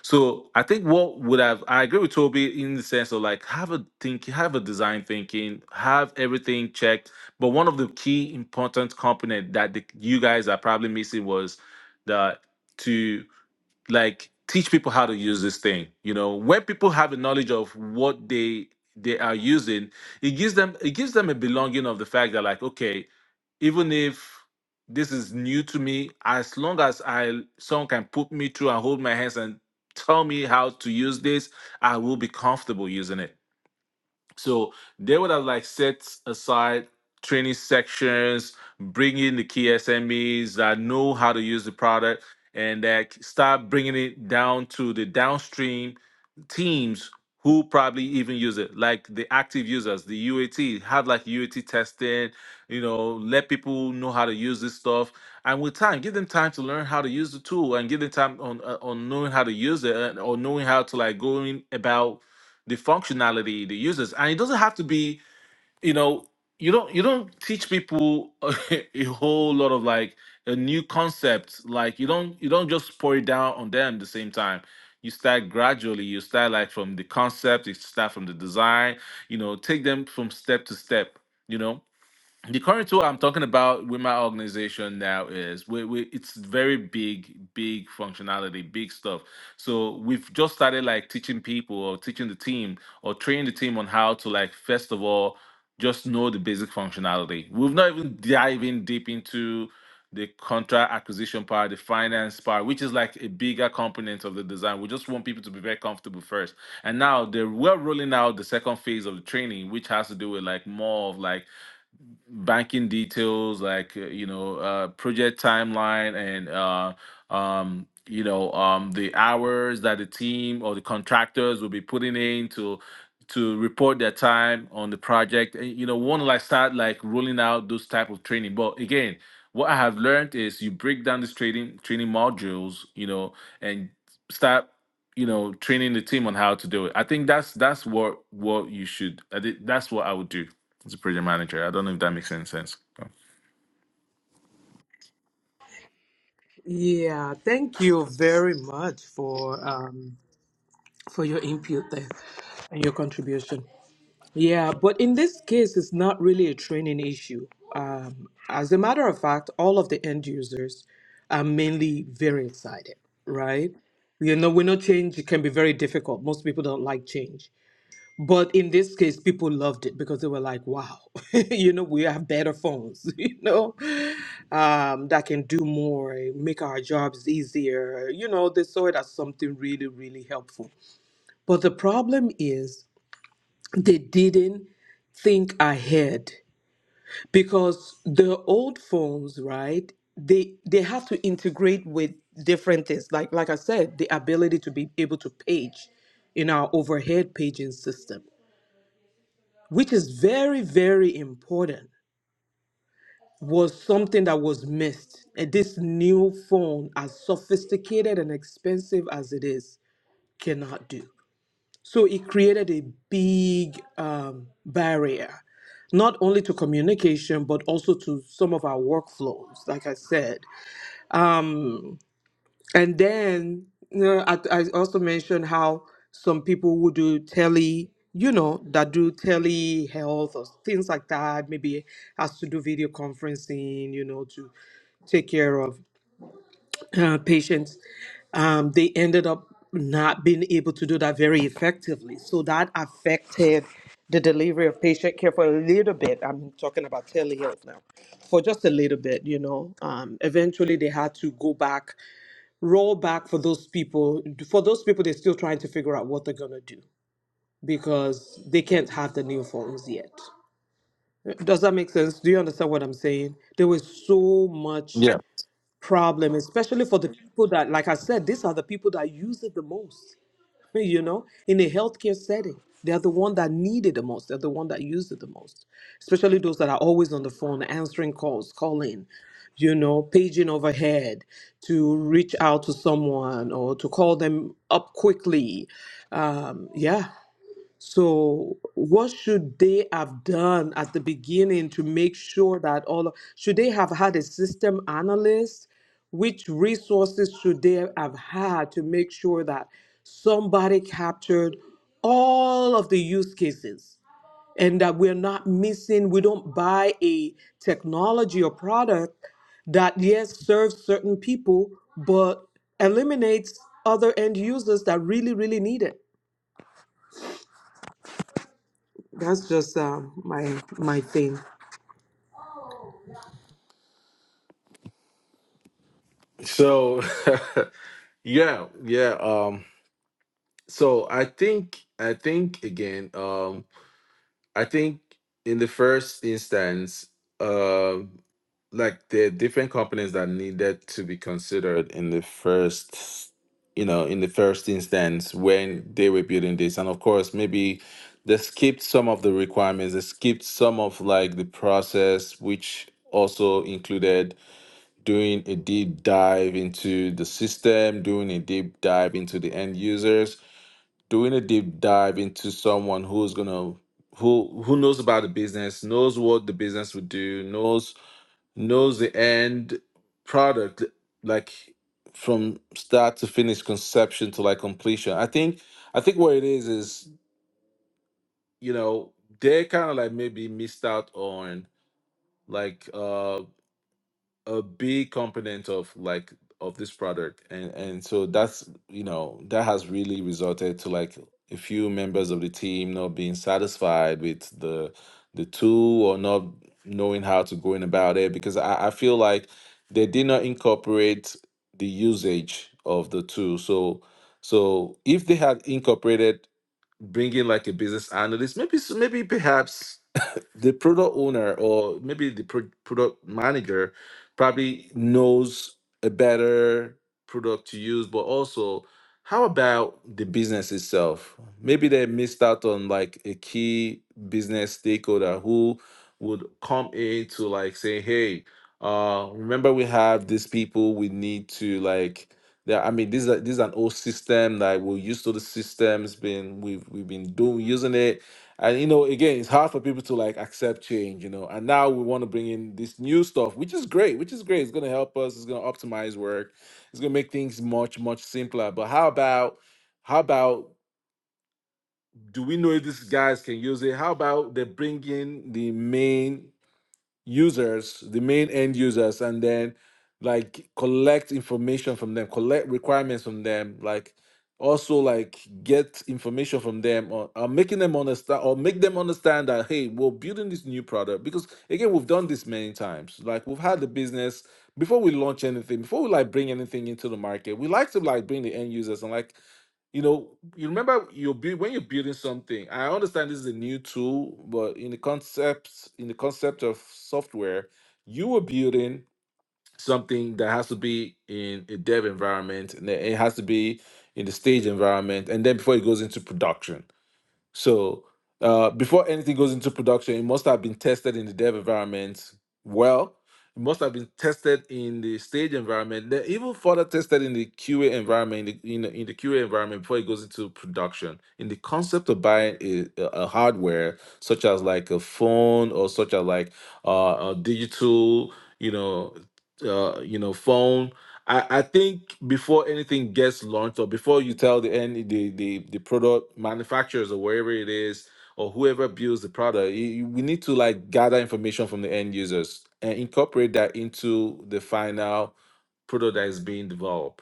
so i think what would have i agree with toby in the sense of like have a think have a design thinking have everything checked but one of the key important component that the, you guys are probably missing was the to like teach people how to use this thing you know when people have a knowledge of what they they are using it gives them it gives them a belonging of the fact that like okay even if this is new to me, as long as I someone can put me through and hold my hands and tell me how to use this, I will be comfortable using it. So they would have like set aside training sections, bring in the key SMEs that know how to use the product, and that start bringing it down to the downstream teams who probably even use it, like the active users, the UAT, have like UAT testing, you know, let people know how to use this stuff. And with time, give them time to learn how to use the tool and give them time on uh, on knowing how to use it uh, or knowing how to like going about the functionality the users and it doesn't have to be you know you don't you don't teach people a whole lot of like a new concept like you don't you don't just pour it down on them at the same time you start gradually you start like from the concept you start from the design you know take them from step to step you know the current tool I'm talking about with my organization now is we, we it's very big, big functionality, big stuff. So we've just started like teaching people or teaching the team or training the team on how to like first of all just know the basic functionality. We've not even diving deep into the contract acquisition part, the finance part, which is like a bigger component of the design. We just want people to be very comfortable first. And now they're we're rolling out the second phase of the training, which has to do with like more of like banking details like uh, you know uh, project timeline and uh, um, you know um, the hours that the team or the contractors will be putting in to to report their time on the project and you know want to like start like rolling out those type of training but again what i have learned is you break down these training training modules you know and start you know training the team on how to do it i think that's that's what what you should i think that's what i would do He's a project manager. I don't know if that makes any sense. Oh. Yeah, thank you very much for um, for your input there and your contribution. Yeah, but in this case, it's not really a training issue. Um, as a matter of fact, all of the end users are mainly very excited, right? You know, we know change can be very difficult. Most people don't like change. But in this case, people loved it because they were like, wow, you know, we have better phones, you know, um, that can do more, make our jobs easier. You know, they saw it as something really, really helpful. But the problem is they didn't think ahead because the old phones, right? They they have to integrate with different things. Like like I said, the ability to be able to page in our overhead paging system which is very, very important, was something that was missed. And this new phone, as sophisticated and expensive as it is, cannot do. So it created a big um, barrier, not only to communication, but also to some of our workflows, like I said. And then, you know, I, I also mentioned how some people who do tele, you know, that do telehealth or things like that, maybe has to do video conferencing, you know, to take care of uh, patients, um, they ended up not being able to do that very effectively. So that affected the delivery of patient care for a little bit. I'm talking about telehealth now, for just a little bit, you know. Um, eventually, they had to go back, roll back for those people. For those people, they're still trying to figure out what they're going to do because they can't have the new phones yet. Does that make sense? Do you understand what I'm saying? There was so much Yeah. problem, especially for the people that, like I said, these are the people that use it the most. You know, in a healthcare setting, they're the one that need it the most. They're the one that use it the most, especially those that are always on the phone, answering calls, calling, you know, paging overhead to reach out to someone or to call them up quickly. Um, yeah, so, what should they have done at the beginning to make sure that all of- should they have had a system analyst? Which resources should they have had to make sure that somebody captured all of the use cases and that we're not missing, we don't buy a technology or product that, yes, serves certain people, but eliminates other end users that really, really need it? That's just uh, my my thing. So yeah, yeah. Um so I think I think again, um I think in the first instance, um like there are different companies that needed to be considered in the first you know, in the first instance when they were building this. And of course maybe they skipped some of the requirements, they skipped some of like the process which also included doing a deep dive into the system, doing a deep dive into the end users, doing a deep dive into someone who's gonna who who knows about the business, knows what the business would do, knows knows the end product like from start to finish conception to like completion. I think I think what it is is, you know, they kind of like maybe missed out on like uh a big component of like of this product and and so that's you know that has really resulted to like a few members of the team not being satisfied with the the tool or not knowing how to go in about it because I, I feel like they did not incorporate the usage of the tool so so if they had incorporated bringing like a business analyst maybe s- maybe perhaps the product owner or maybe the pro- product manager probably knows a better product to use but also how about the business itself maybe they missed out on like a key business stakeholder who would come in to like say hey uh remember we have these people we need to like yeah, I mean, this is a, this is an old system that we're used to. The system's been we've we've been doing using it and you know, again, it's hard for people to like accept change, you know. And now we want to bring in this new stuff, which is great, which is great. It's gonna help us, it's gonna optimize work, it's gonna make things much, much simpler. But how about how about do we know if these guys can use it? How about they bring in the main users, the main end users, and then like collect information from them, collect requirements from them, like also like get information from them or, or making them understand or make them understand that hey we're building this new product because again we've done this many times like we've had the business before we launch anything before we like bring anything into the market we like to like bring the end users and like you know, you remember you're build, when you're building something. I understand this is a new tool, but in the concept in the concept of software, you were building something that has to be in a dev environment, and then it has to be in the stage environment, and then before it goes into production so uh, before anything goes into production, it must have been tested in the dev environment. Well, it must have been tested in the stage environment. Then even further tested in the QA environment, in the, in, the- in the QA environment before it goes into production. In the concept of buying a, a a hardware such as like a phone or such as like uh, a digital, you know, uh, you know, phone I, I think before anything gets launched or before you tell the end the, the the product manufacturers or wherever it is or whoever builds the product you, you- we need to like gather information from the end users and incorporate that into the final product that is being developed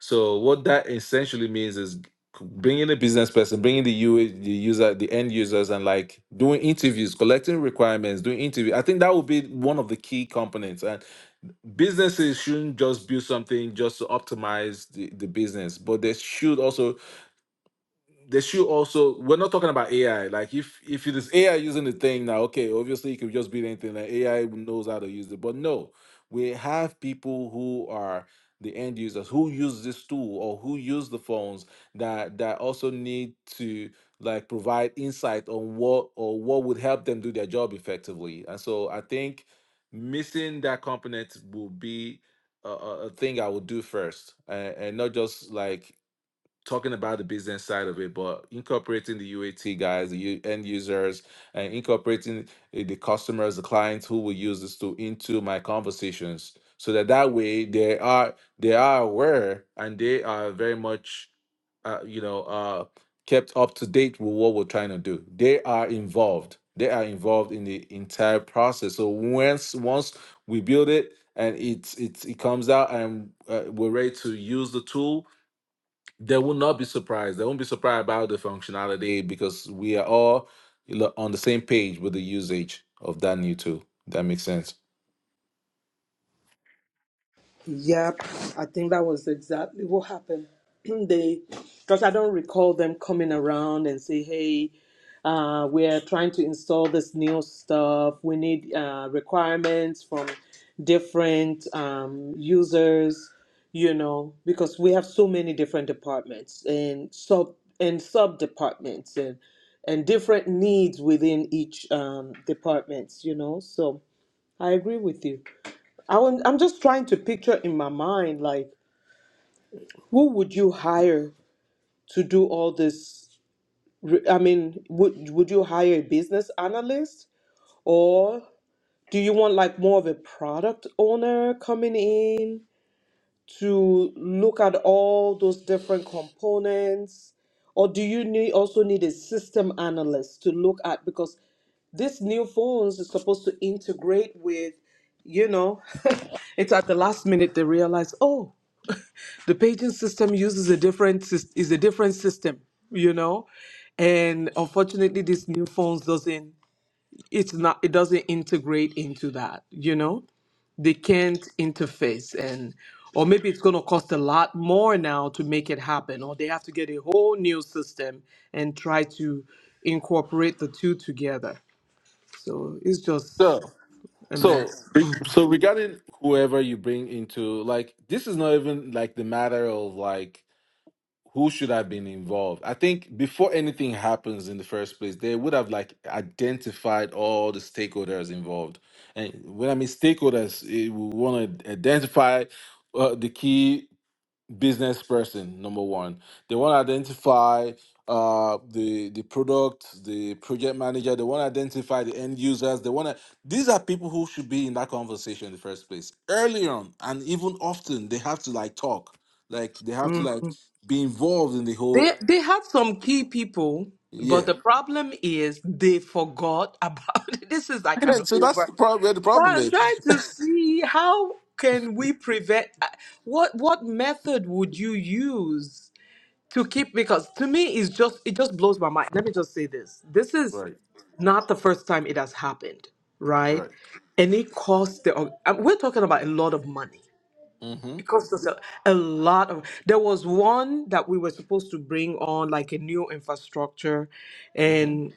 so what that essentially means is bringing the business person bringing the u the user the end users and like doing interviews collecting requirements doing interview i think that would be one of the key components businesses shouldn't just build something just to optimize the, the business, but they should also they should also we're not talking about AI. Like if if it is AI using the thing now, okay, obviously it could just be anything like AI knows how to use it. But no, we have people who are the end users who use this tool or who use the phones that that also need to like provide insight on what or what would help them do their job effectively. And so I think missing that component will be a, a a thing I would do first, uh, and not just like talking about the business side of it, but incorporating the UAT guys, the u- end users, and incorporating uh, the customers, the clients who will use this tool into my conversations, so that that way they are they are aware and they are very much, uh, you know, uh, kept up to date with what we're trying to do. They are involved. They are involved in the entire process. So once once we build it and it's it's it comes out and uh, we're ready to use the tool they will not be surprised. They won't be surprised about the functionality because we are all lo- on the same page with the usage of that new tool. That makes sense. Yep, I think that was exactly what happened. they, because I don't recall them coming around and say, "Hey, uh, we're trying to install this new stuff. We need uh, requirements from different um, users." You know, because we have so many different departments and sub and sub departments and and different needs within each um, departments. You know, so. I agree with you. I want, I'm just trying to picture in my mind, like, who would you hire to do all this? re- I mean, would would you hire a business analyst, or do you want like more of a product owner coming in to look at all those different components? Or do you need also need a system analyst to look at because This new phones is supposed to integrate with, you know, it's at the last minute they realize, oh, the paging system uses a different sys- is a different system, you know, and unfortunately, this new phones doesn't it's not it doesn't integrate into that, you know, they can't interface and or maybe it's going to cost a lot more now to make it happen or they have to get a whole new system and try to incorporate the two together so it's just So, Amen. so, re- so regarding whoever you bring into, like, this is not even like the matter of like who should have been involved. I think before anything happens in the first place, they would have like identified all the stakeholders involved. And when I mean stakeholders, eh, we want to identify uh, the key business person number one they want to identify uh the the product the project manager they want to identify the end users they want to these are people who should be in that conversation in the first place early on and even often they have to like talk like they have to Mm. like be involved in the whole They they had some key people, but yeah the problem is they forgot about it. This is like an so that's the over. problem where the So problem I'm is trying to see how can we prevent uh, what what method would you use to keep because to me it's just it just blows my mind. Let me just say this. This is right not the first time it has happened, right? right And it costs the org- and we're talking about a lot of money mm-hmm because there's a, a lot of there was one that we were supposed to bring on like a new infrastructure mm-hmm and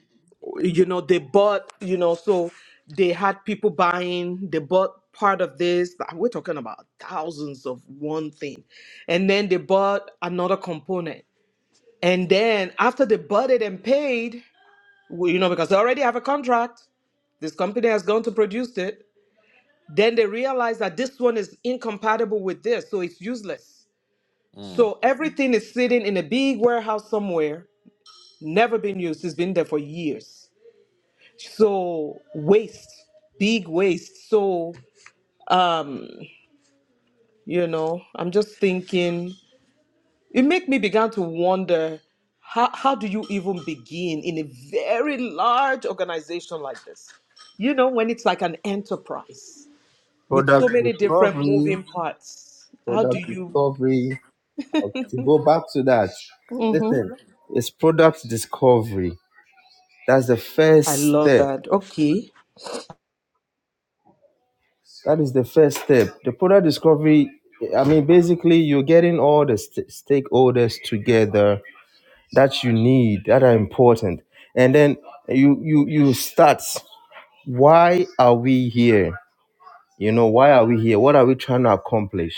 you know they bought you know so they had people buying they bought part of this but we're talking about thousands of one thing and then they bought another component and then after they bought it and paid well, you know because they already have a contract this company has gone to produce it then they realize that this one is incompatible with this so it's useless mm. so everything is sitting in a big warehouse somewhere, never been used. It's been there for years. So waste, big waste. So um, you know, I'm just thinking it make me began to wonder how how do you even begin in a very large organization like this? You know, when it's like an enterprise with so Product many different discovery, moving parts. How do product you? discovery. Uh, To go back to that, Mhm. listen, it's product discovery That's the first I love step. that. Okay. That is the first step. The product discovery, I mean, basically, you're getting all the st- stakeholders together that you need, that are important. And then you, you, you start. Why are we here? You know, why are we here? What are we trying to accomplish?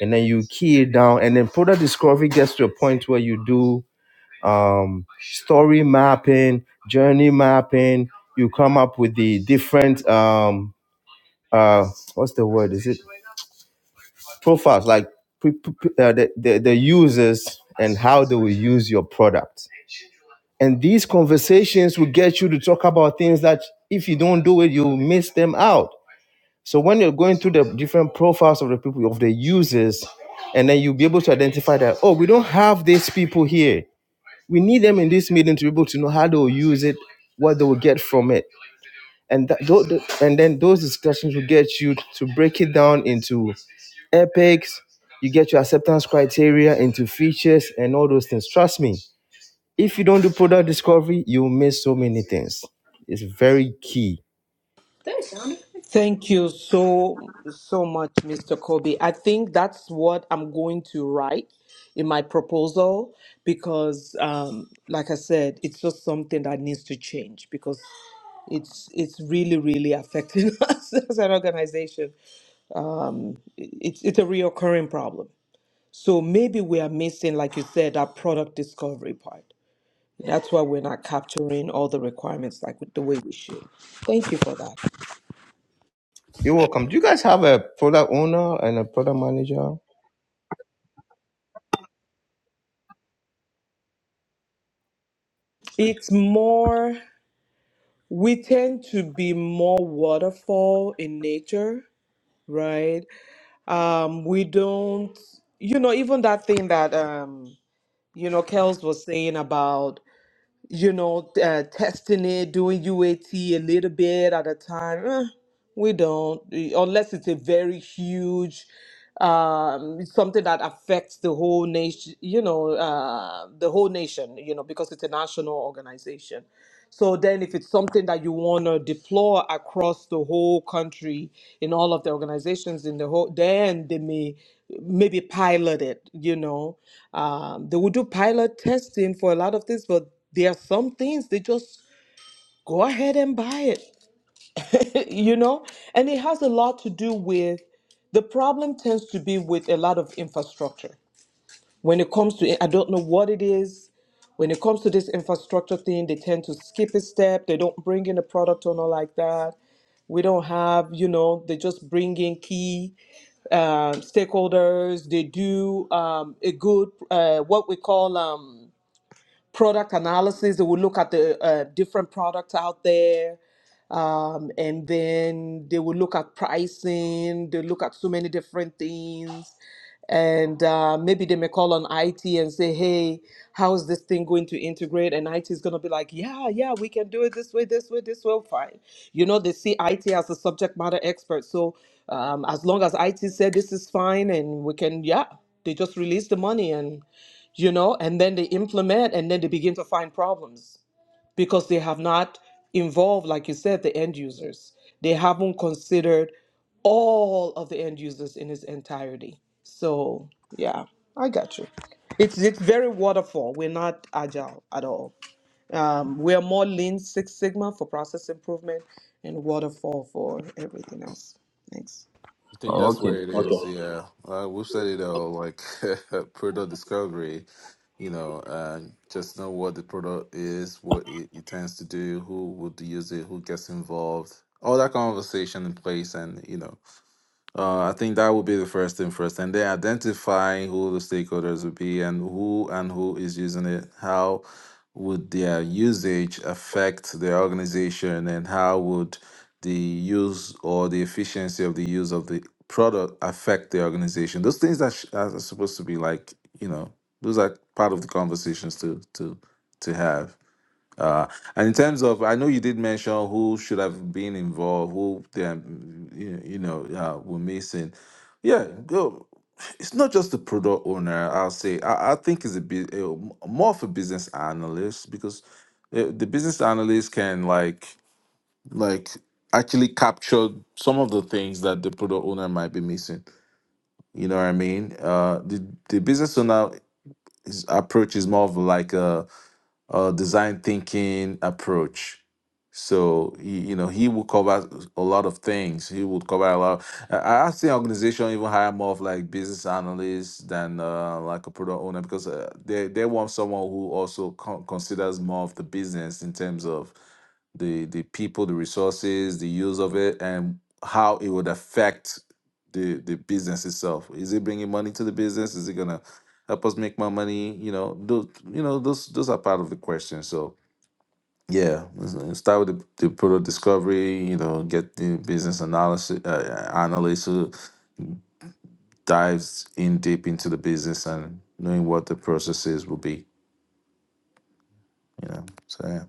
And then you key it down. And then product discovery gets to a point where you do um, story mapping, journey mapping. You come up with the different um, uh what's the word is it profiles like p- p- p- uh, the, the, the users and how they will use your product and these conversations will get you to talk about things that if you don't do it you'll miss them out so when you're going through the different profiles of the people of the users and then you'll be able to identify that oh we don't have these people here we need them in this meeting to be able to know how they will use it what they will get from it and that, tho- tho- and then those discussions will get you to break it down into epics. You get your acceptance criteria into features and all those things. Trust me, if you don't do product discovery, you will miss so many things. It's very key. Thank you so so much, Mr. Kobe. I think that's what I'm going to write in my proposal because, um, like I said, it's just something that needs to change because it's it's really really affecting us as an organization. It's it's a reoccurring problem. So maybe we are missing, like you said, that product discovery part. That's why we're not capturing all the requirements like the way we should. Thank you for that. You're welcome. Do you guys have a product owner and a product manager? It's more. we tend to be more waterfall in nature, right? Um, we don't, you know, even that thing that, um, you know, Kels was saying about, you know, uh, testing it, doing UAT a T a little bit at a time. eh, we don't, eh, unless it's a very huge, um, something that affects the whole nation, you know, uh, the whole nation, you know, because it's a national organization so then, if it's something that you want to deploy across the whole country in all of the organizations in the whole, then they may maybe pilot it. You know, um, they will do pilot testing for a lot of things, but there are some things they just go ahead and buy it. you know, and it has a lot to do with the problem tends to be with a lot of infrastructure when it comes to, I don't know what it is. When it comes to this infrastructure thing, they tend to skip a step. They don't bring in a product owner like that. We don't have, you know, they just bring in key um, stakeholders. They do um, a good, uh, what we call um, product analysis. They will look at the uh, different products out there um, and then they will look at pricing, they look at so many different things. And uh, maybe they may call on IT and say, hey, how is this thing going to integrate? And IT is going to be like, yeah, yeah, we can do it this way, this way, this way, fine. You know, they see IT as a subject matter expert. So um, as long as IT said this is fine and we can, yeah, they just release the money and, you know, and then they implement and then they begin to find problems because they have not involved, like you said, the end users. They haven't considered all of the end users in its entirety. So yeah, I got you. It's it's very waterfall. We're not agile at all. Um, we are more Lean Six Sigma for process improvement and waterfall for everything else. Thanks. I think Oh, that's okay, where it okay. is. Yeah, uh, we've said it all. Like product discovery, you know, uh, just know what the product is, what it intends to do, who would use it, who gets involved, all that conversation in place, and you know. Uh, I think that would be the first thing first, and then identify who the stakeholders would be and who and who is using it. How would their usage affect their organization, and how would the use or the efficiency of the use of the product affect the organization? Those things that sh- are supposed to be like you know, those are part of the conversations to to to have. Uh, and in terms of, I know you did mention who should have been involved, who um, you, you know uh, were missing. Yeah, go. It's not just the product owner. I'll say I, I think it's a bit uh, more of a business analyst because uh, the business analyst can like like actually capture some of the things that the product owner might be missing. You know what I mean? Uh, the the business owner is, approach is more of like a uh, design thinking approach. So he, you know, he will cover a lot of things. He would cover a lot. I I asked the organization even hire more of like business analysts than uh, like a product owner because uh, they they want someone who also con- considers more of the business in terms of the the people, the resources, the use of it, and how it would affect the the business itself. Is it bringing money to the business? Is it gonna help us make more money you know those you know those those are part of the question so yeah let's, uh, start with the, the product discovery you know get the business analysis uh, analyst who dives in deep into the business and knowing what the processes will be you know so yeah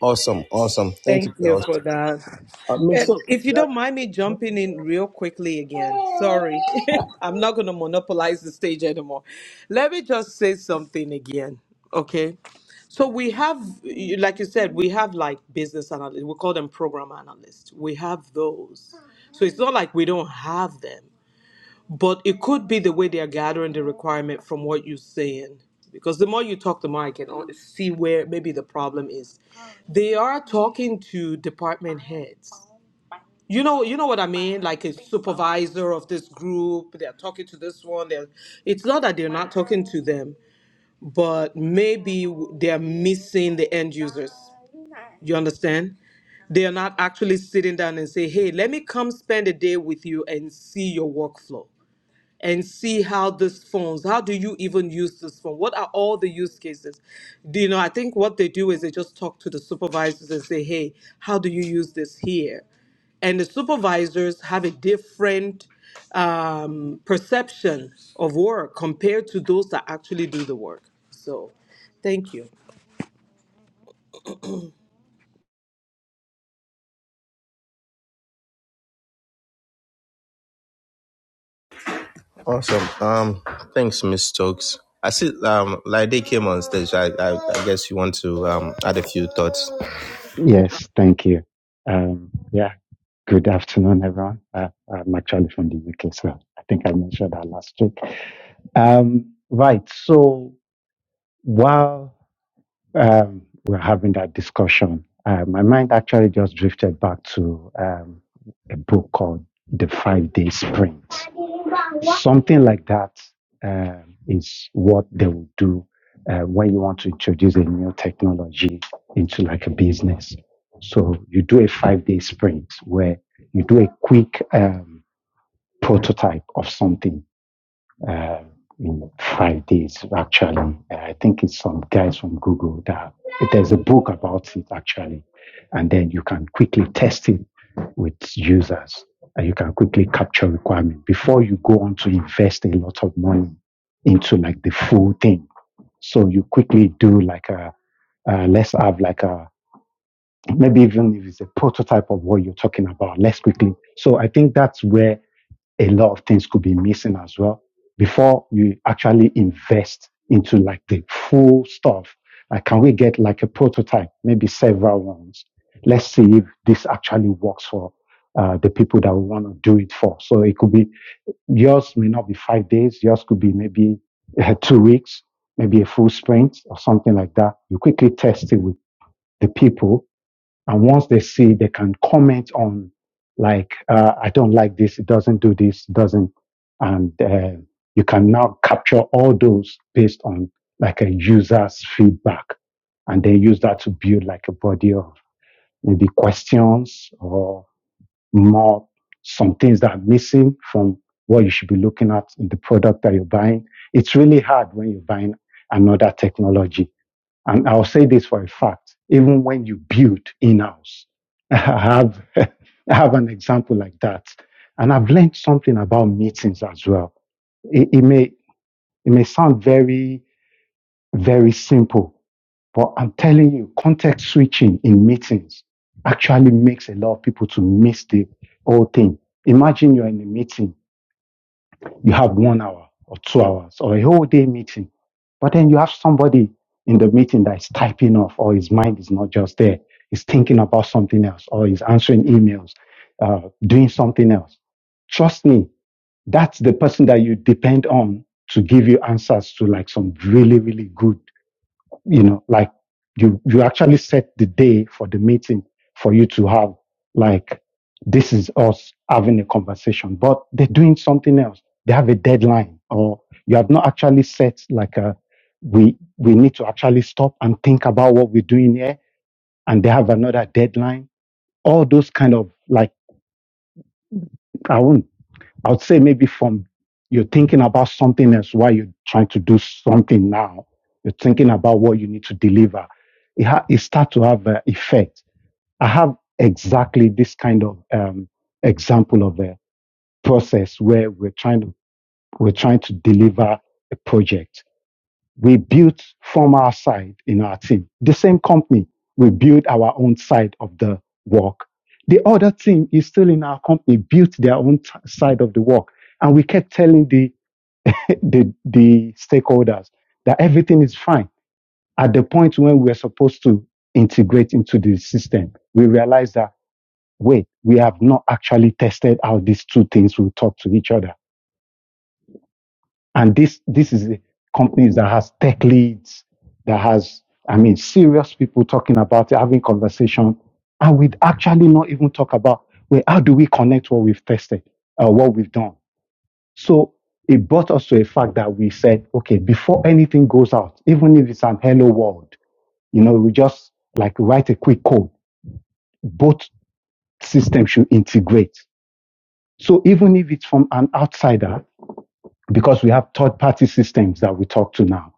Awesome, awesome. Thank you, Thank you girls. for that. Uh, Uh, Mr. If you don't mind me jumping in real quickly again, sorry. I'm not going to monopolize the stage anymore. Let me just say something again, okay? So we have, you- like you said, we have like business analysts, we call them program analysts. We have those. So it's not like we don't have them. But it could be the way they are gathering the requirement from what you're saying. Because the more you talk, the more I can al- see where maybe the problem is. They are talking to department heads. You know, you know what I mean? Like a supervisor of this group. They're talking to this one. They're, it's not that they're not talking to them, but maybe w- they're missing the end users. You understand? They are not actually sitting down and say, hey, let me come spend a day with you and see your workflow and see how this phones how do you even use this phone what are all the use cases do you know i think what they do is they just talk to the supervisors and say hey how do you use this here and the supervisors have a different um, perception of work compared to those that actually do the work so thank you Awesome. Um, thanks, Miss Stokes. I see. Um, like they came on stage. I, I, I guess you want to um add a few thoughts. Yes, thank you. Um, yeah, good afternoon, everyone. Uh, I'm actually from the UK, so I think I mentioned that last week. Um, right, so while um, we're having that discussion, uh, my mind actually just drifted back to um, a book called The Five Day Sprint. Something like that uh, is what they will do uh, when you want to introduce a new technology into like a business. So you do a five day sprint where you do a quick um, prototype of something uh, in five days. Actually, Uh, I think it's some guys from Google that there's a book about it actually, and then you can quickly test it with users, and you can quickly capture requirement before you go on to invest a lot of money into like the full thing. So you quickly do like a uh, let's have like a maybe even if it's a prototype of what you're talking about. Let's quickly. So I think that's where a lot of things could be missing as well before you actually invest into like the full stuff. Like, can we get like a prototype, maybe several ones? Let's see if this actually works for uh, the people that we want to do it for. So it could be yours may not be five days. Yours could be maybe uh, two weeks, maybe a full sprint or something like that. You quickly test it with the people and once they see, they can comment on, like, uh, I don't like this, it doesn't do this, it doesn't. And uh, you can now capture all those based on like a user's feedback and then use that to build like a body of maybe questions or more some things that are missing from what you should be looking at in the product that you're buying. It's really hard when you're buying another technology and I'll say this for a fact, even when you build in-house, I have, I have an example like that. And I've learned something about meetings as well. It, it may, it may sound very, very simple, but I'm telling you, context switching in meetings actually makes a lot of people to miss the whole thing. Imagine you're in a meeting you have one hour or two hours or a whole day meeting. But then you have somebody in the meeting that is typing off or his mind is not just there. He's thinking about something else or he's answering emails, uh, doing something else. Trust me, that's the person that you depend on to give you answers to like some really, really good you know like you you actually set the day for the meeting for you to have like this is us having a conversation but they're doing something else they have a deadline or you have not actually set like a we we need to actually stop and think about what we're doing here and they have another deadline all those kind of like i won't I would say maybe from you're thinking about something else while you're trying to do something now. You're thinking about what you need to deliver. It, ha- it starts to have an effect. I have exactly this kind of um, example of a process where we're trying to we're trying to deliver a project we built from our side in our team. The same company, we built our own side of the work. The other team is still in our company, built their own t- side of the work. And we kept telling the, the, the stakeholders that everything is fine. At the point when we were supposed to integrate into the system, we realized that, wait, we have not actually tested out these two things we talk to each other And this this is a companies that has tech leads, that has I mean serious people talking about it, having conversation, and we actually not even talk about well, how do we connect what we've tested, uh, what we've done. So it brought us to a fact that we said, okay, before anything goes out, even if it's an hello world, you know, we just like write a quick code. Both systems should integrate. So even if it's from an outsider, because we have third party systems that we talk to now.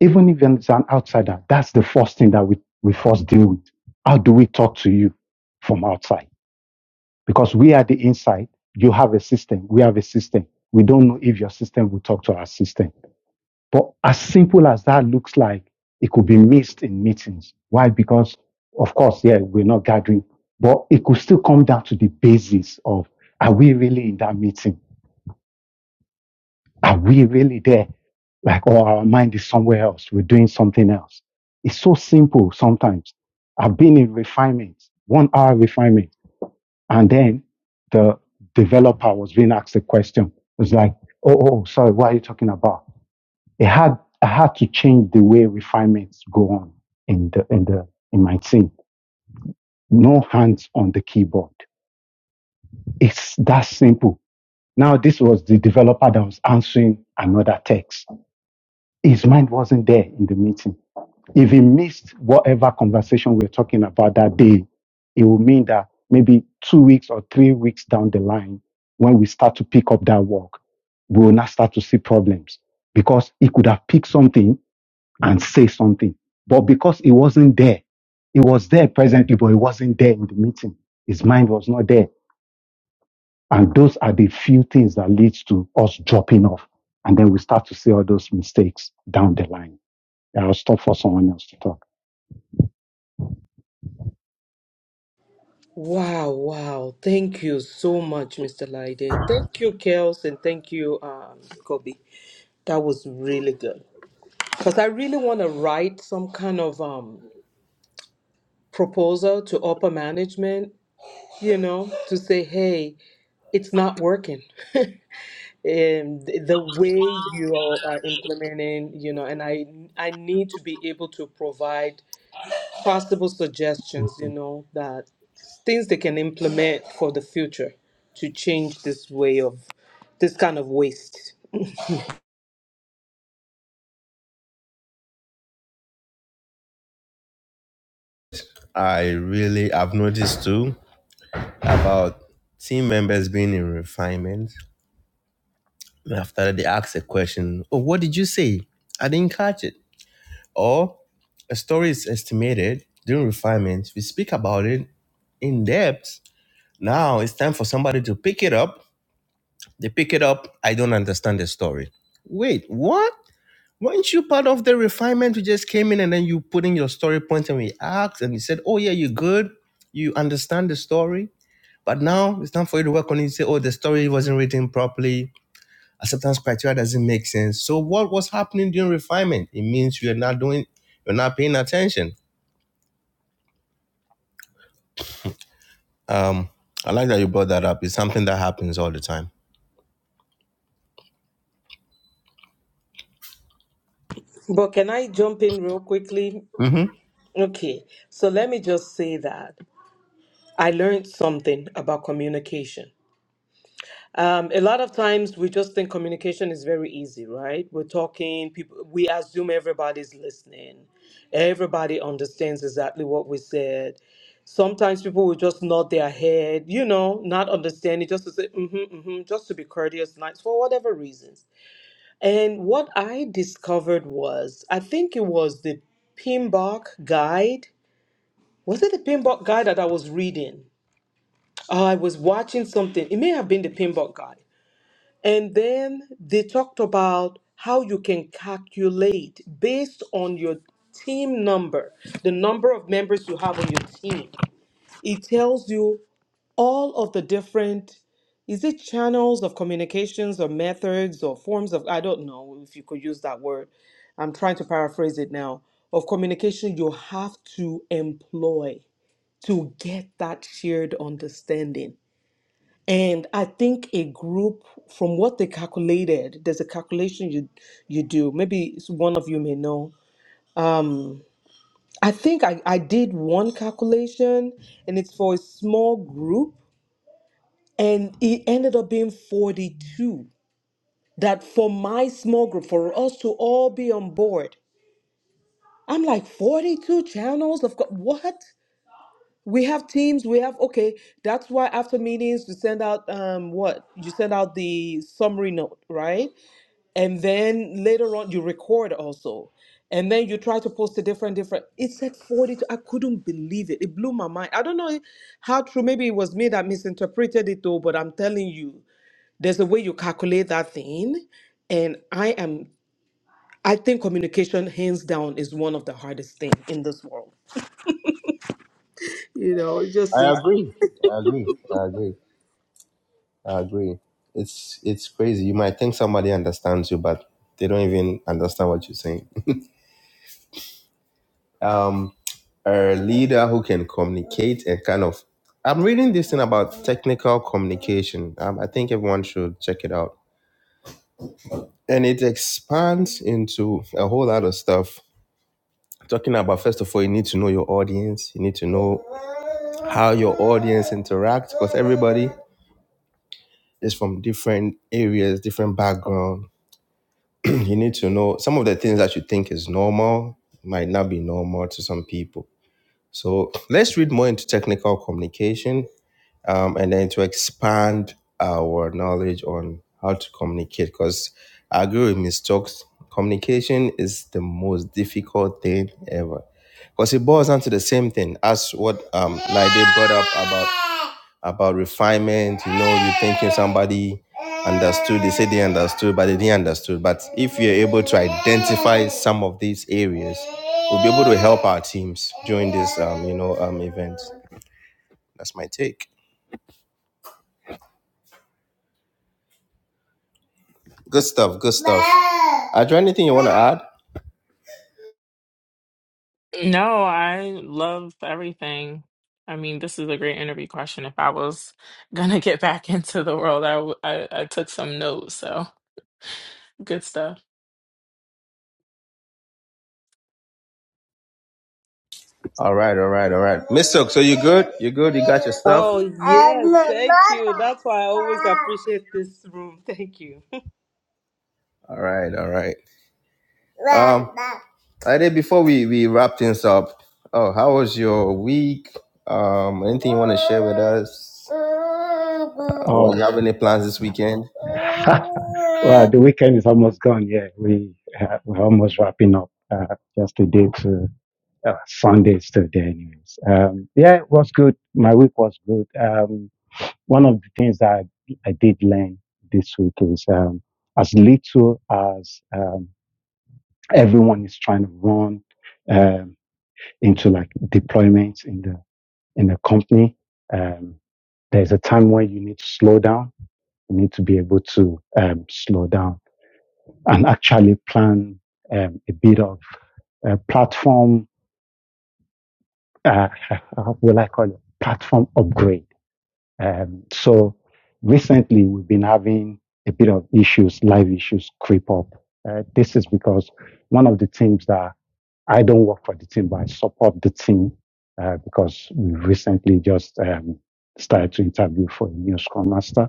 Even if it's an outsider, that's the first thing that we, we first deal with. How do we talk to you from outside? Because we are the inside. You have a system. We have a system. We don't know if your system will talk to our system. But as simple as that looks like, it could be missed in meetings. Why? Because, of course, yeah, we're not gathering, but it could still come down to the basis of are we really in that meeting? Are we really there? Like, or our mind is somewhere else. We're doing something else. It's so simple sometimes. I've been in refinement, one hour refinement. And then the developer was being asked a question. It was like, oh, oh, sorry, what are you talking about? It had, I had to change the way refinements go on in the, in the, in my team. No hands on the keyboard. It's that simple. Now, this was the developer that was answering another text His mind wasn't there in the meeting. If he missed whatever conversation we are talking about that day, it will mean that maybe two weeks or three weeks down the line, when we start to pick up that work, we will not start to see problems because he could have picked something and say something. But because he wasn't there, he was there presently, but he wasn't there in the meeting. His mind was not there. And those are the few things that leads to us dropping off. And then we start to see all those mistakes down the line. Yeah, I'll stop for someone else to talk. Wow, wow. Thank you so much, Mr. Laide. Thank you, Kels, and thank you, um, Kobe. That was really good. Because I really want to write some kind of um, proposal to upper management, you know, to say, hey, it's not working. And th- the way you all are implementing, you know, and I I need to be able to provide possible suggestions, you know, that things they can implement for the future to change this way of this kind of waste. I really, I've noticed too about team members being in refinement. After that, they ask a question, "Oh, what did you say? I didn't catch it." Or a story is estimated during refinement. We speak about it in depth. Now it's time for somebody to pick it up. They pick it up. I don't understand the story. Wait, what? Weren't you part of the refinement? You just came in and then you put in your story points and we asked and you said, Oh, yeah, you're good. You understand the story. But now it's time for you to work on it. You say, Oh, the story wasn't written properly. Acceptance criteria doesn't make sense. So what was happening during refinement? It means you're not doing, you're not paying attention. Um, I like that you brought that up. It's something that happens all the time. But can I jump in real quickly? hmm Okay, so let me just say that. I learned something about communication. Um, a lot of times we just think communication is very easy, right? We're talking, people, we assume everybody's listening. Everybody understands exactly what we said. Sometimes people will just nod their head, you know, not understanding, just to say, mm-hmm, mm-hmm, just to be courteous, nice, for whatever reasons. And what I discovered was, I think it was the Pinbock guide. Was it the Pinbock guide that I was reading? I was watching something. It may have been the pinball guy. And then they talked about how you can calculate based on your team number, the number of members you have on your team. It tells you all of the different is it channels of communications or methods or forms of I don't know if you could use that word. I'm trying to paraphrase it now. Of communication you have to employ to get that shared understanding. And I think a group, from what they calculated, there's a calculation you you do. Maybe it's one of you may know. I think I, I did one calculation, and it's for a small group, and it ended up being 42. That for my small group, for us to all be on board, I'm like 42 channels. Of course, what? We have teams, we have okay, that's why after meetings we send out um what? You send out the summary note, right? And then later on you record also. And then you try to post a different different. It said forty. I couldn't believe it. It blew my mind. I don't know how true. Maybe it was me that misinterpreted it though, but I'm telling you, there's a way you calculate that thing and i am i think communication hands down is one of the hardest thing in this world I agree. I agree. I agree. I agree. It's it's crazy. You might think somebody understands you, but they don't even understand what you're saying. Um, a leader who can communicate and kind of. I'm reading this thing about technical communication. Um, I think everyone should check it out, and it expands into a whole lot of stuff. Talking about first of all, you need to know your audience. You need to know how your audience interacts because everybody is from different areas, different backgrounds you need to know some of the things that you think is normal might not be normal to some people. So let's read more into technical communication um, and then to expand our knowledge on how to communicate. Because I agree with Ms. Stokes, communication is the most difficult thing ever. Because it boils down to the same thing as what um, Lide brought up about about refinement. You know, you thinking somebody understood, they said they understood, but they didn't understood. But if you're able to identify some of these areas, we'll be able to help our teams during this, um, you know, um, event. That's my take. Good stuff. Good stuff. Are there anything you want to add? No, I love everything. I mean, this is a great interview question. If I was gonna get back into the world, I w- I, I took some notes, so good stuff. All right. All right. All right. Miss Silk, so you good? You good? You got your stuff? Oh, yes. Thank you. That's why I always appreciate this room. Thank you. All right. All right. Um, I did before we we wrap things up. Oh, how was your week? Um, anything you want to share with us? What, Oh, you have any plans this weekend? well, the weekend is almost gone. Yeah, we uh, we're almost wrapping up. Uh, just a day to uh, Sundays today, anyways. Um, yeah, it was good. My week was good. Um, one of the things that I, I did learn this week is um, as little as um, everyone is trying to run um, into like deployments in the in the company. Um, there's a time where you need to slow down We need to be able to um, slow down and actually plan um, a bit of a platform, uh, how will I call it? Platform upgrade. Um, so recently we've been having a bit of issues, live issues creep up. Uh, this is because one of the teams that I don't work for the team, but I support the team uh, because we recently just um, started to interview for a new Scrum Master.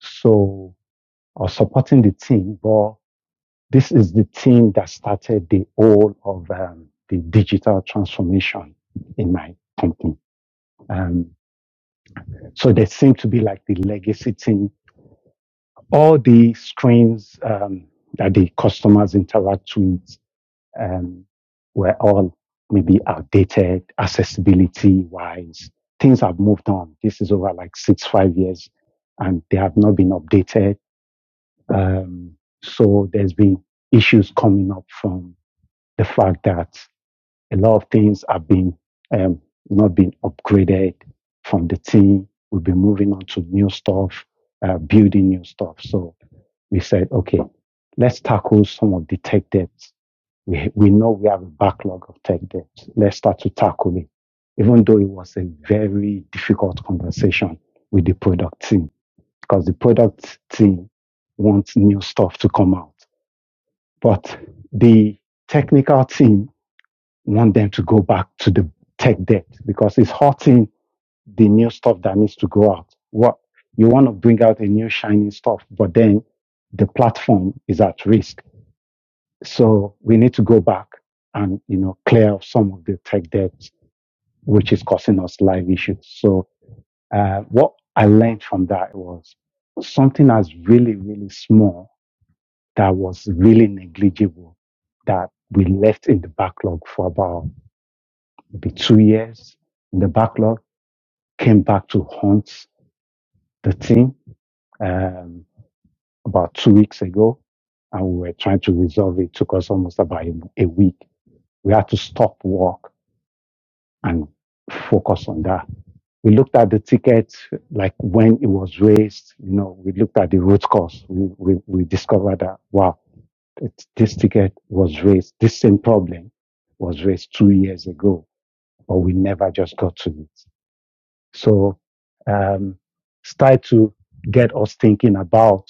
So I was supporting the team, but This is the team that started the whole of um, the digital transformation in my company. Um, so they seem to be like the legacy team. All the screens um, that the customers interact with um, were all maybe outdated, accessibility wise. Things have moved on. This is over like six, five years, and they have not been updated. Um, so there's been issues coming up from the fact that A lot of things have been um, not been upgraded from the team. we will be moving on to new stuff, uh, building new stuff. So we said, okay, let's tackle some of the tech debts. We, we know we have a backlog of tech debts. Let's start to tackle it. Even though it was a very difficult conversation with the product team, because the product team wants new stuff to come out. But the technical team want them to go back to the tech debt because it's hurting the new stuff that needs to go out. What you want to bring out a new shiny stuff, but then the platform is at risk. So we need to go back and you know clear up some of the tech debt which is causing us live issues. So uh, what I learned from that was something that's really really small that was really negligible that we left in the backlog for about be two years in the backlog. Came back to haunt the team um, about two weeks ago, and we were trying to resolve it. It Took us almost about a, a week. We had to stop work and focus on that. We looked at the ticket, like when it was raised. You know, we looked at the root cause. We we, we discovered that wow, it- this ticket was raised. This same problem was raised two years ago, but we never just got to it. So um, start to get us thinking about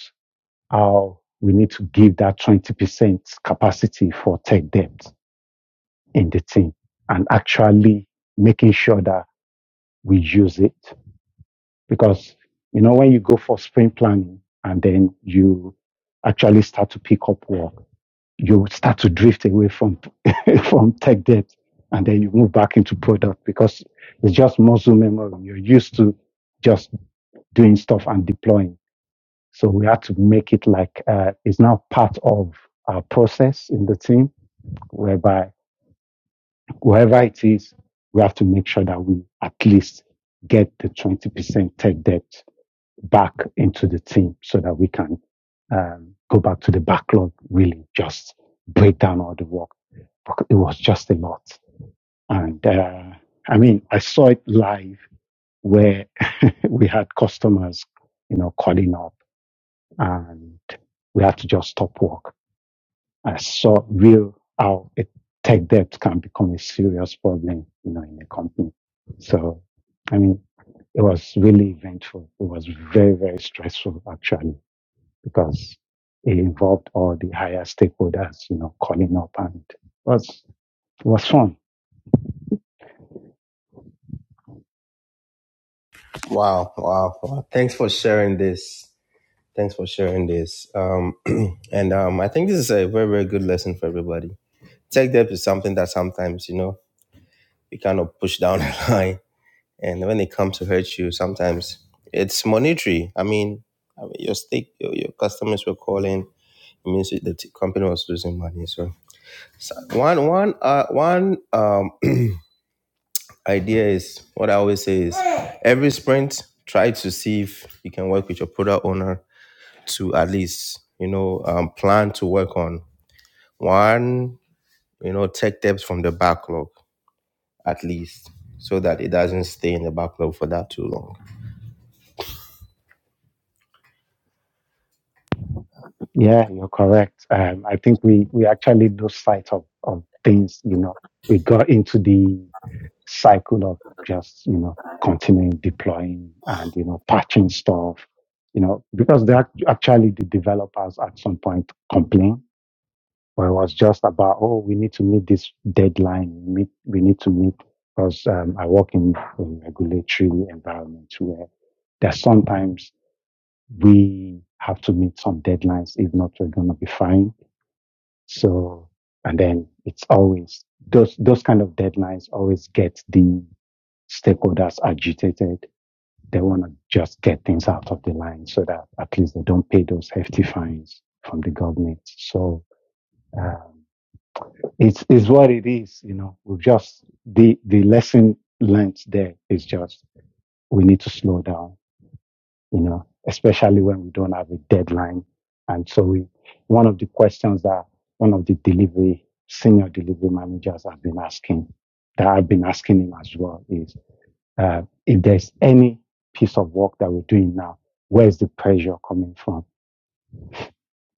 how we need to give that 20% capacity for tech debt in the team and actually making sure that we use it. Because, you know, when you go for sprint planning and then you actually start to pick up work, you start to drift away from, from tech debt and then you move back into product because it's just muscle memory. You're used to just doing stuff and deploying. So we had to make it like uh, it's now part of our process in the team, whereby whoever it is, we have to make sure that we at least get the 20% tech debt back into the team so that we can um, go back to the backlog, really just break down all the work. It was just a lot. And uh, I mean, I saw it live where we had customers, you know, calling up. and. we have to just stop work. I saw real how it, tech debt can become a serious problem, you know, in a company. So, I mean, it was really eventful. It was very, very stressful actually because it involved all the higher stakeholders, you know, calling up and it was, it was fun. Wow, wow, wow. Thanks for sharing this. Thanks for sharing this. Um, and um, I think this is a very, very good lesson for everybody. Tech debt is something that sometimes, you know, you kind of push down the line. And when it comes to hurt you, sometimes it's monetary. I mean, I mean your stake, your, your customers were calling. It means the t- company was losing money. So, so one, one, uh, one um, idea is what I always say is every sprint, try to see if you can work with your product owner to at least, you know, um, plan to work on one, you know, tech depth from the backlog at least so that it doesn't stay in the backlog for that too long. Yeah, you're correct. Um, I think we, we actually lose sight of, of things, you know. We got into the cycle of just, you know, continuing deploying and, you know, patching stuff, you know, because they act- actually the developers at some point complain where it was just about, oh, we need to meet this deadline. We meet, we need to meet because um, I work in a regulatory environment where there's sometimes we have to meet some deadlines. If not, we're going to be fined so, and then it's always those, those kind of deadlines always get the stakeholders agitated. They want to just get things out of the line so that at least they don't pay those hefty fines from the government. So, um, it's, it's what it is, you know, we've just, the, the lesson learnt there is just we need to slow down you know, especially when we don't have a deadline. And so we, one of the questions that one of the delivery, senior delivery managers have been asking, that I've been asking him as well is, uh, if there's any piece of work that we're doing now, where's the pressure coming from?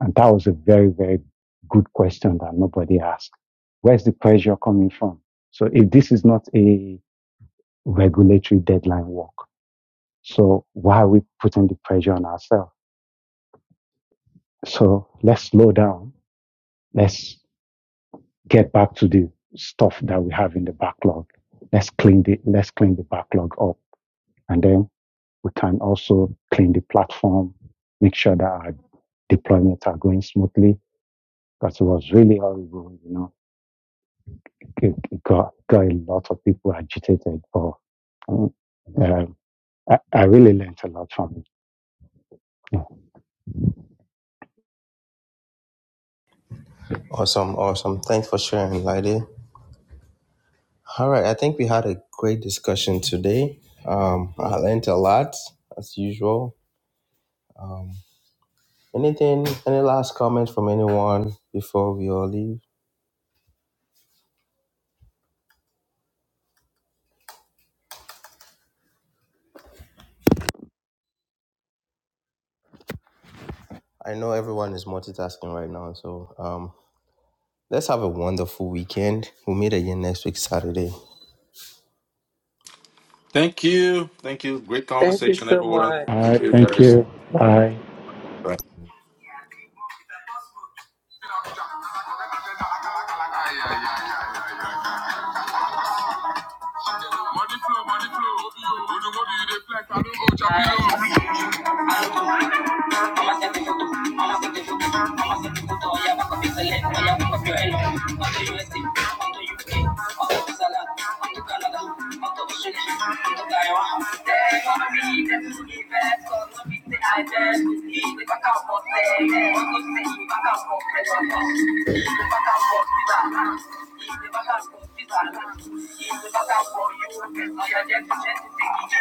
And that was a very, very good question that nobody asked. Where's the pressure coming from? So if this is not a regulatory deadline work, so why are we putting the pressure on ourselves? So let's slow down. Let's get back to the stuff that we have in the backlog. Let's clean the, let's clean the backlog up. And then we can also clean the platform, make sure that our deployments are going smoothly. Because it was really horrible, you know, it, it got, got a lot of people agitated. But um, um, I, I really learned a lot from it. Yeah. Awesome, awesome. Thanks for sharing, Lady. All right, I think we had a great discussion today. Um, I learned a lot as usual. Um, anything, any last comments from anyone before we all leave? I know everyone is multitasking right now, so um, let's have a wonderful weekend. We'll meet again next week, Saturday. Thank you. Thank you. Great Thank you conversation, so everyone. All much. Thank right. you, Thank guys. you. Bye. Bye. Thank you.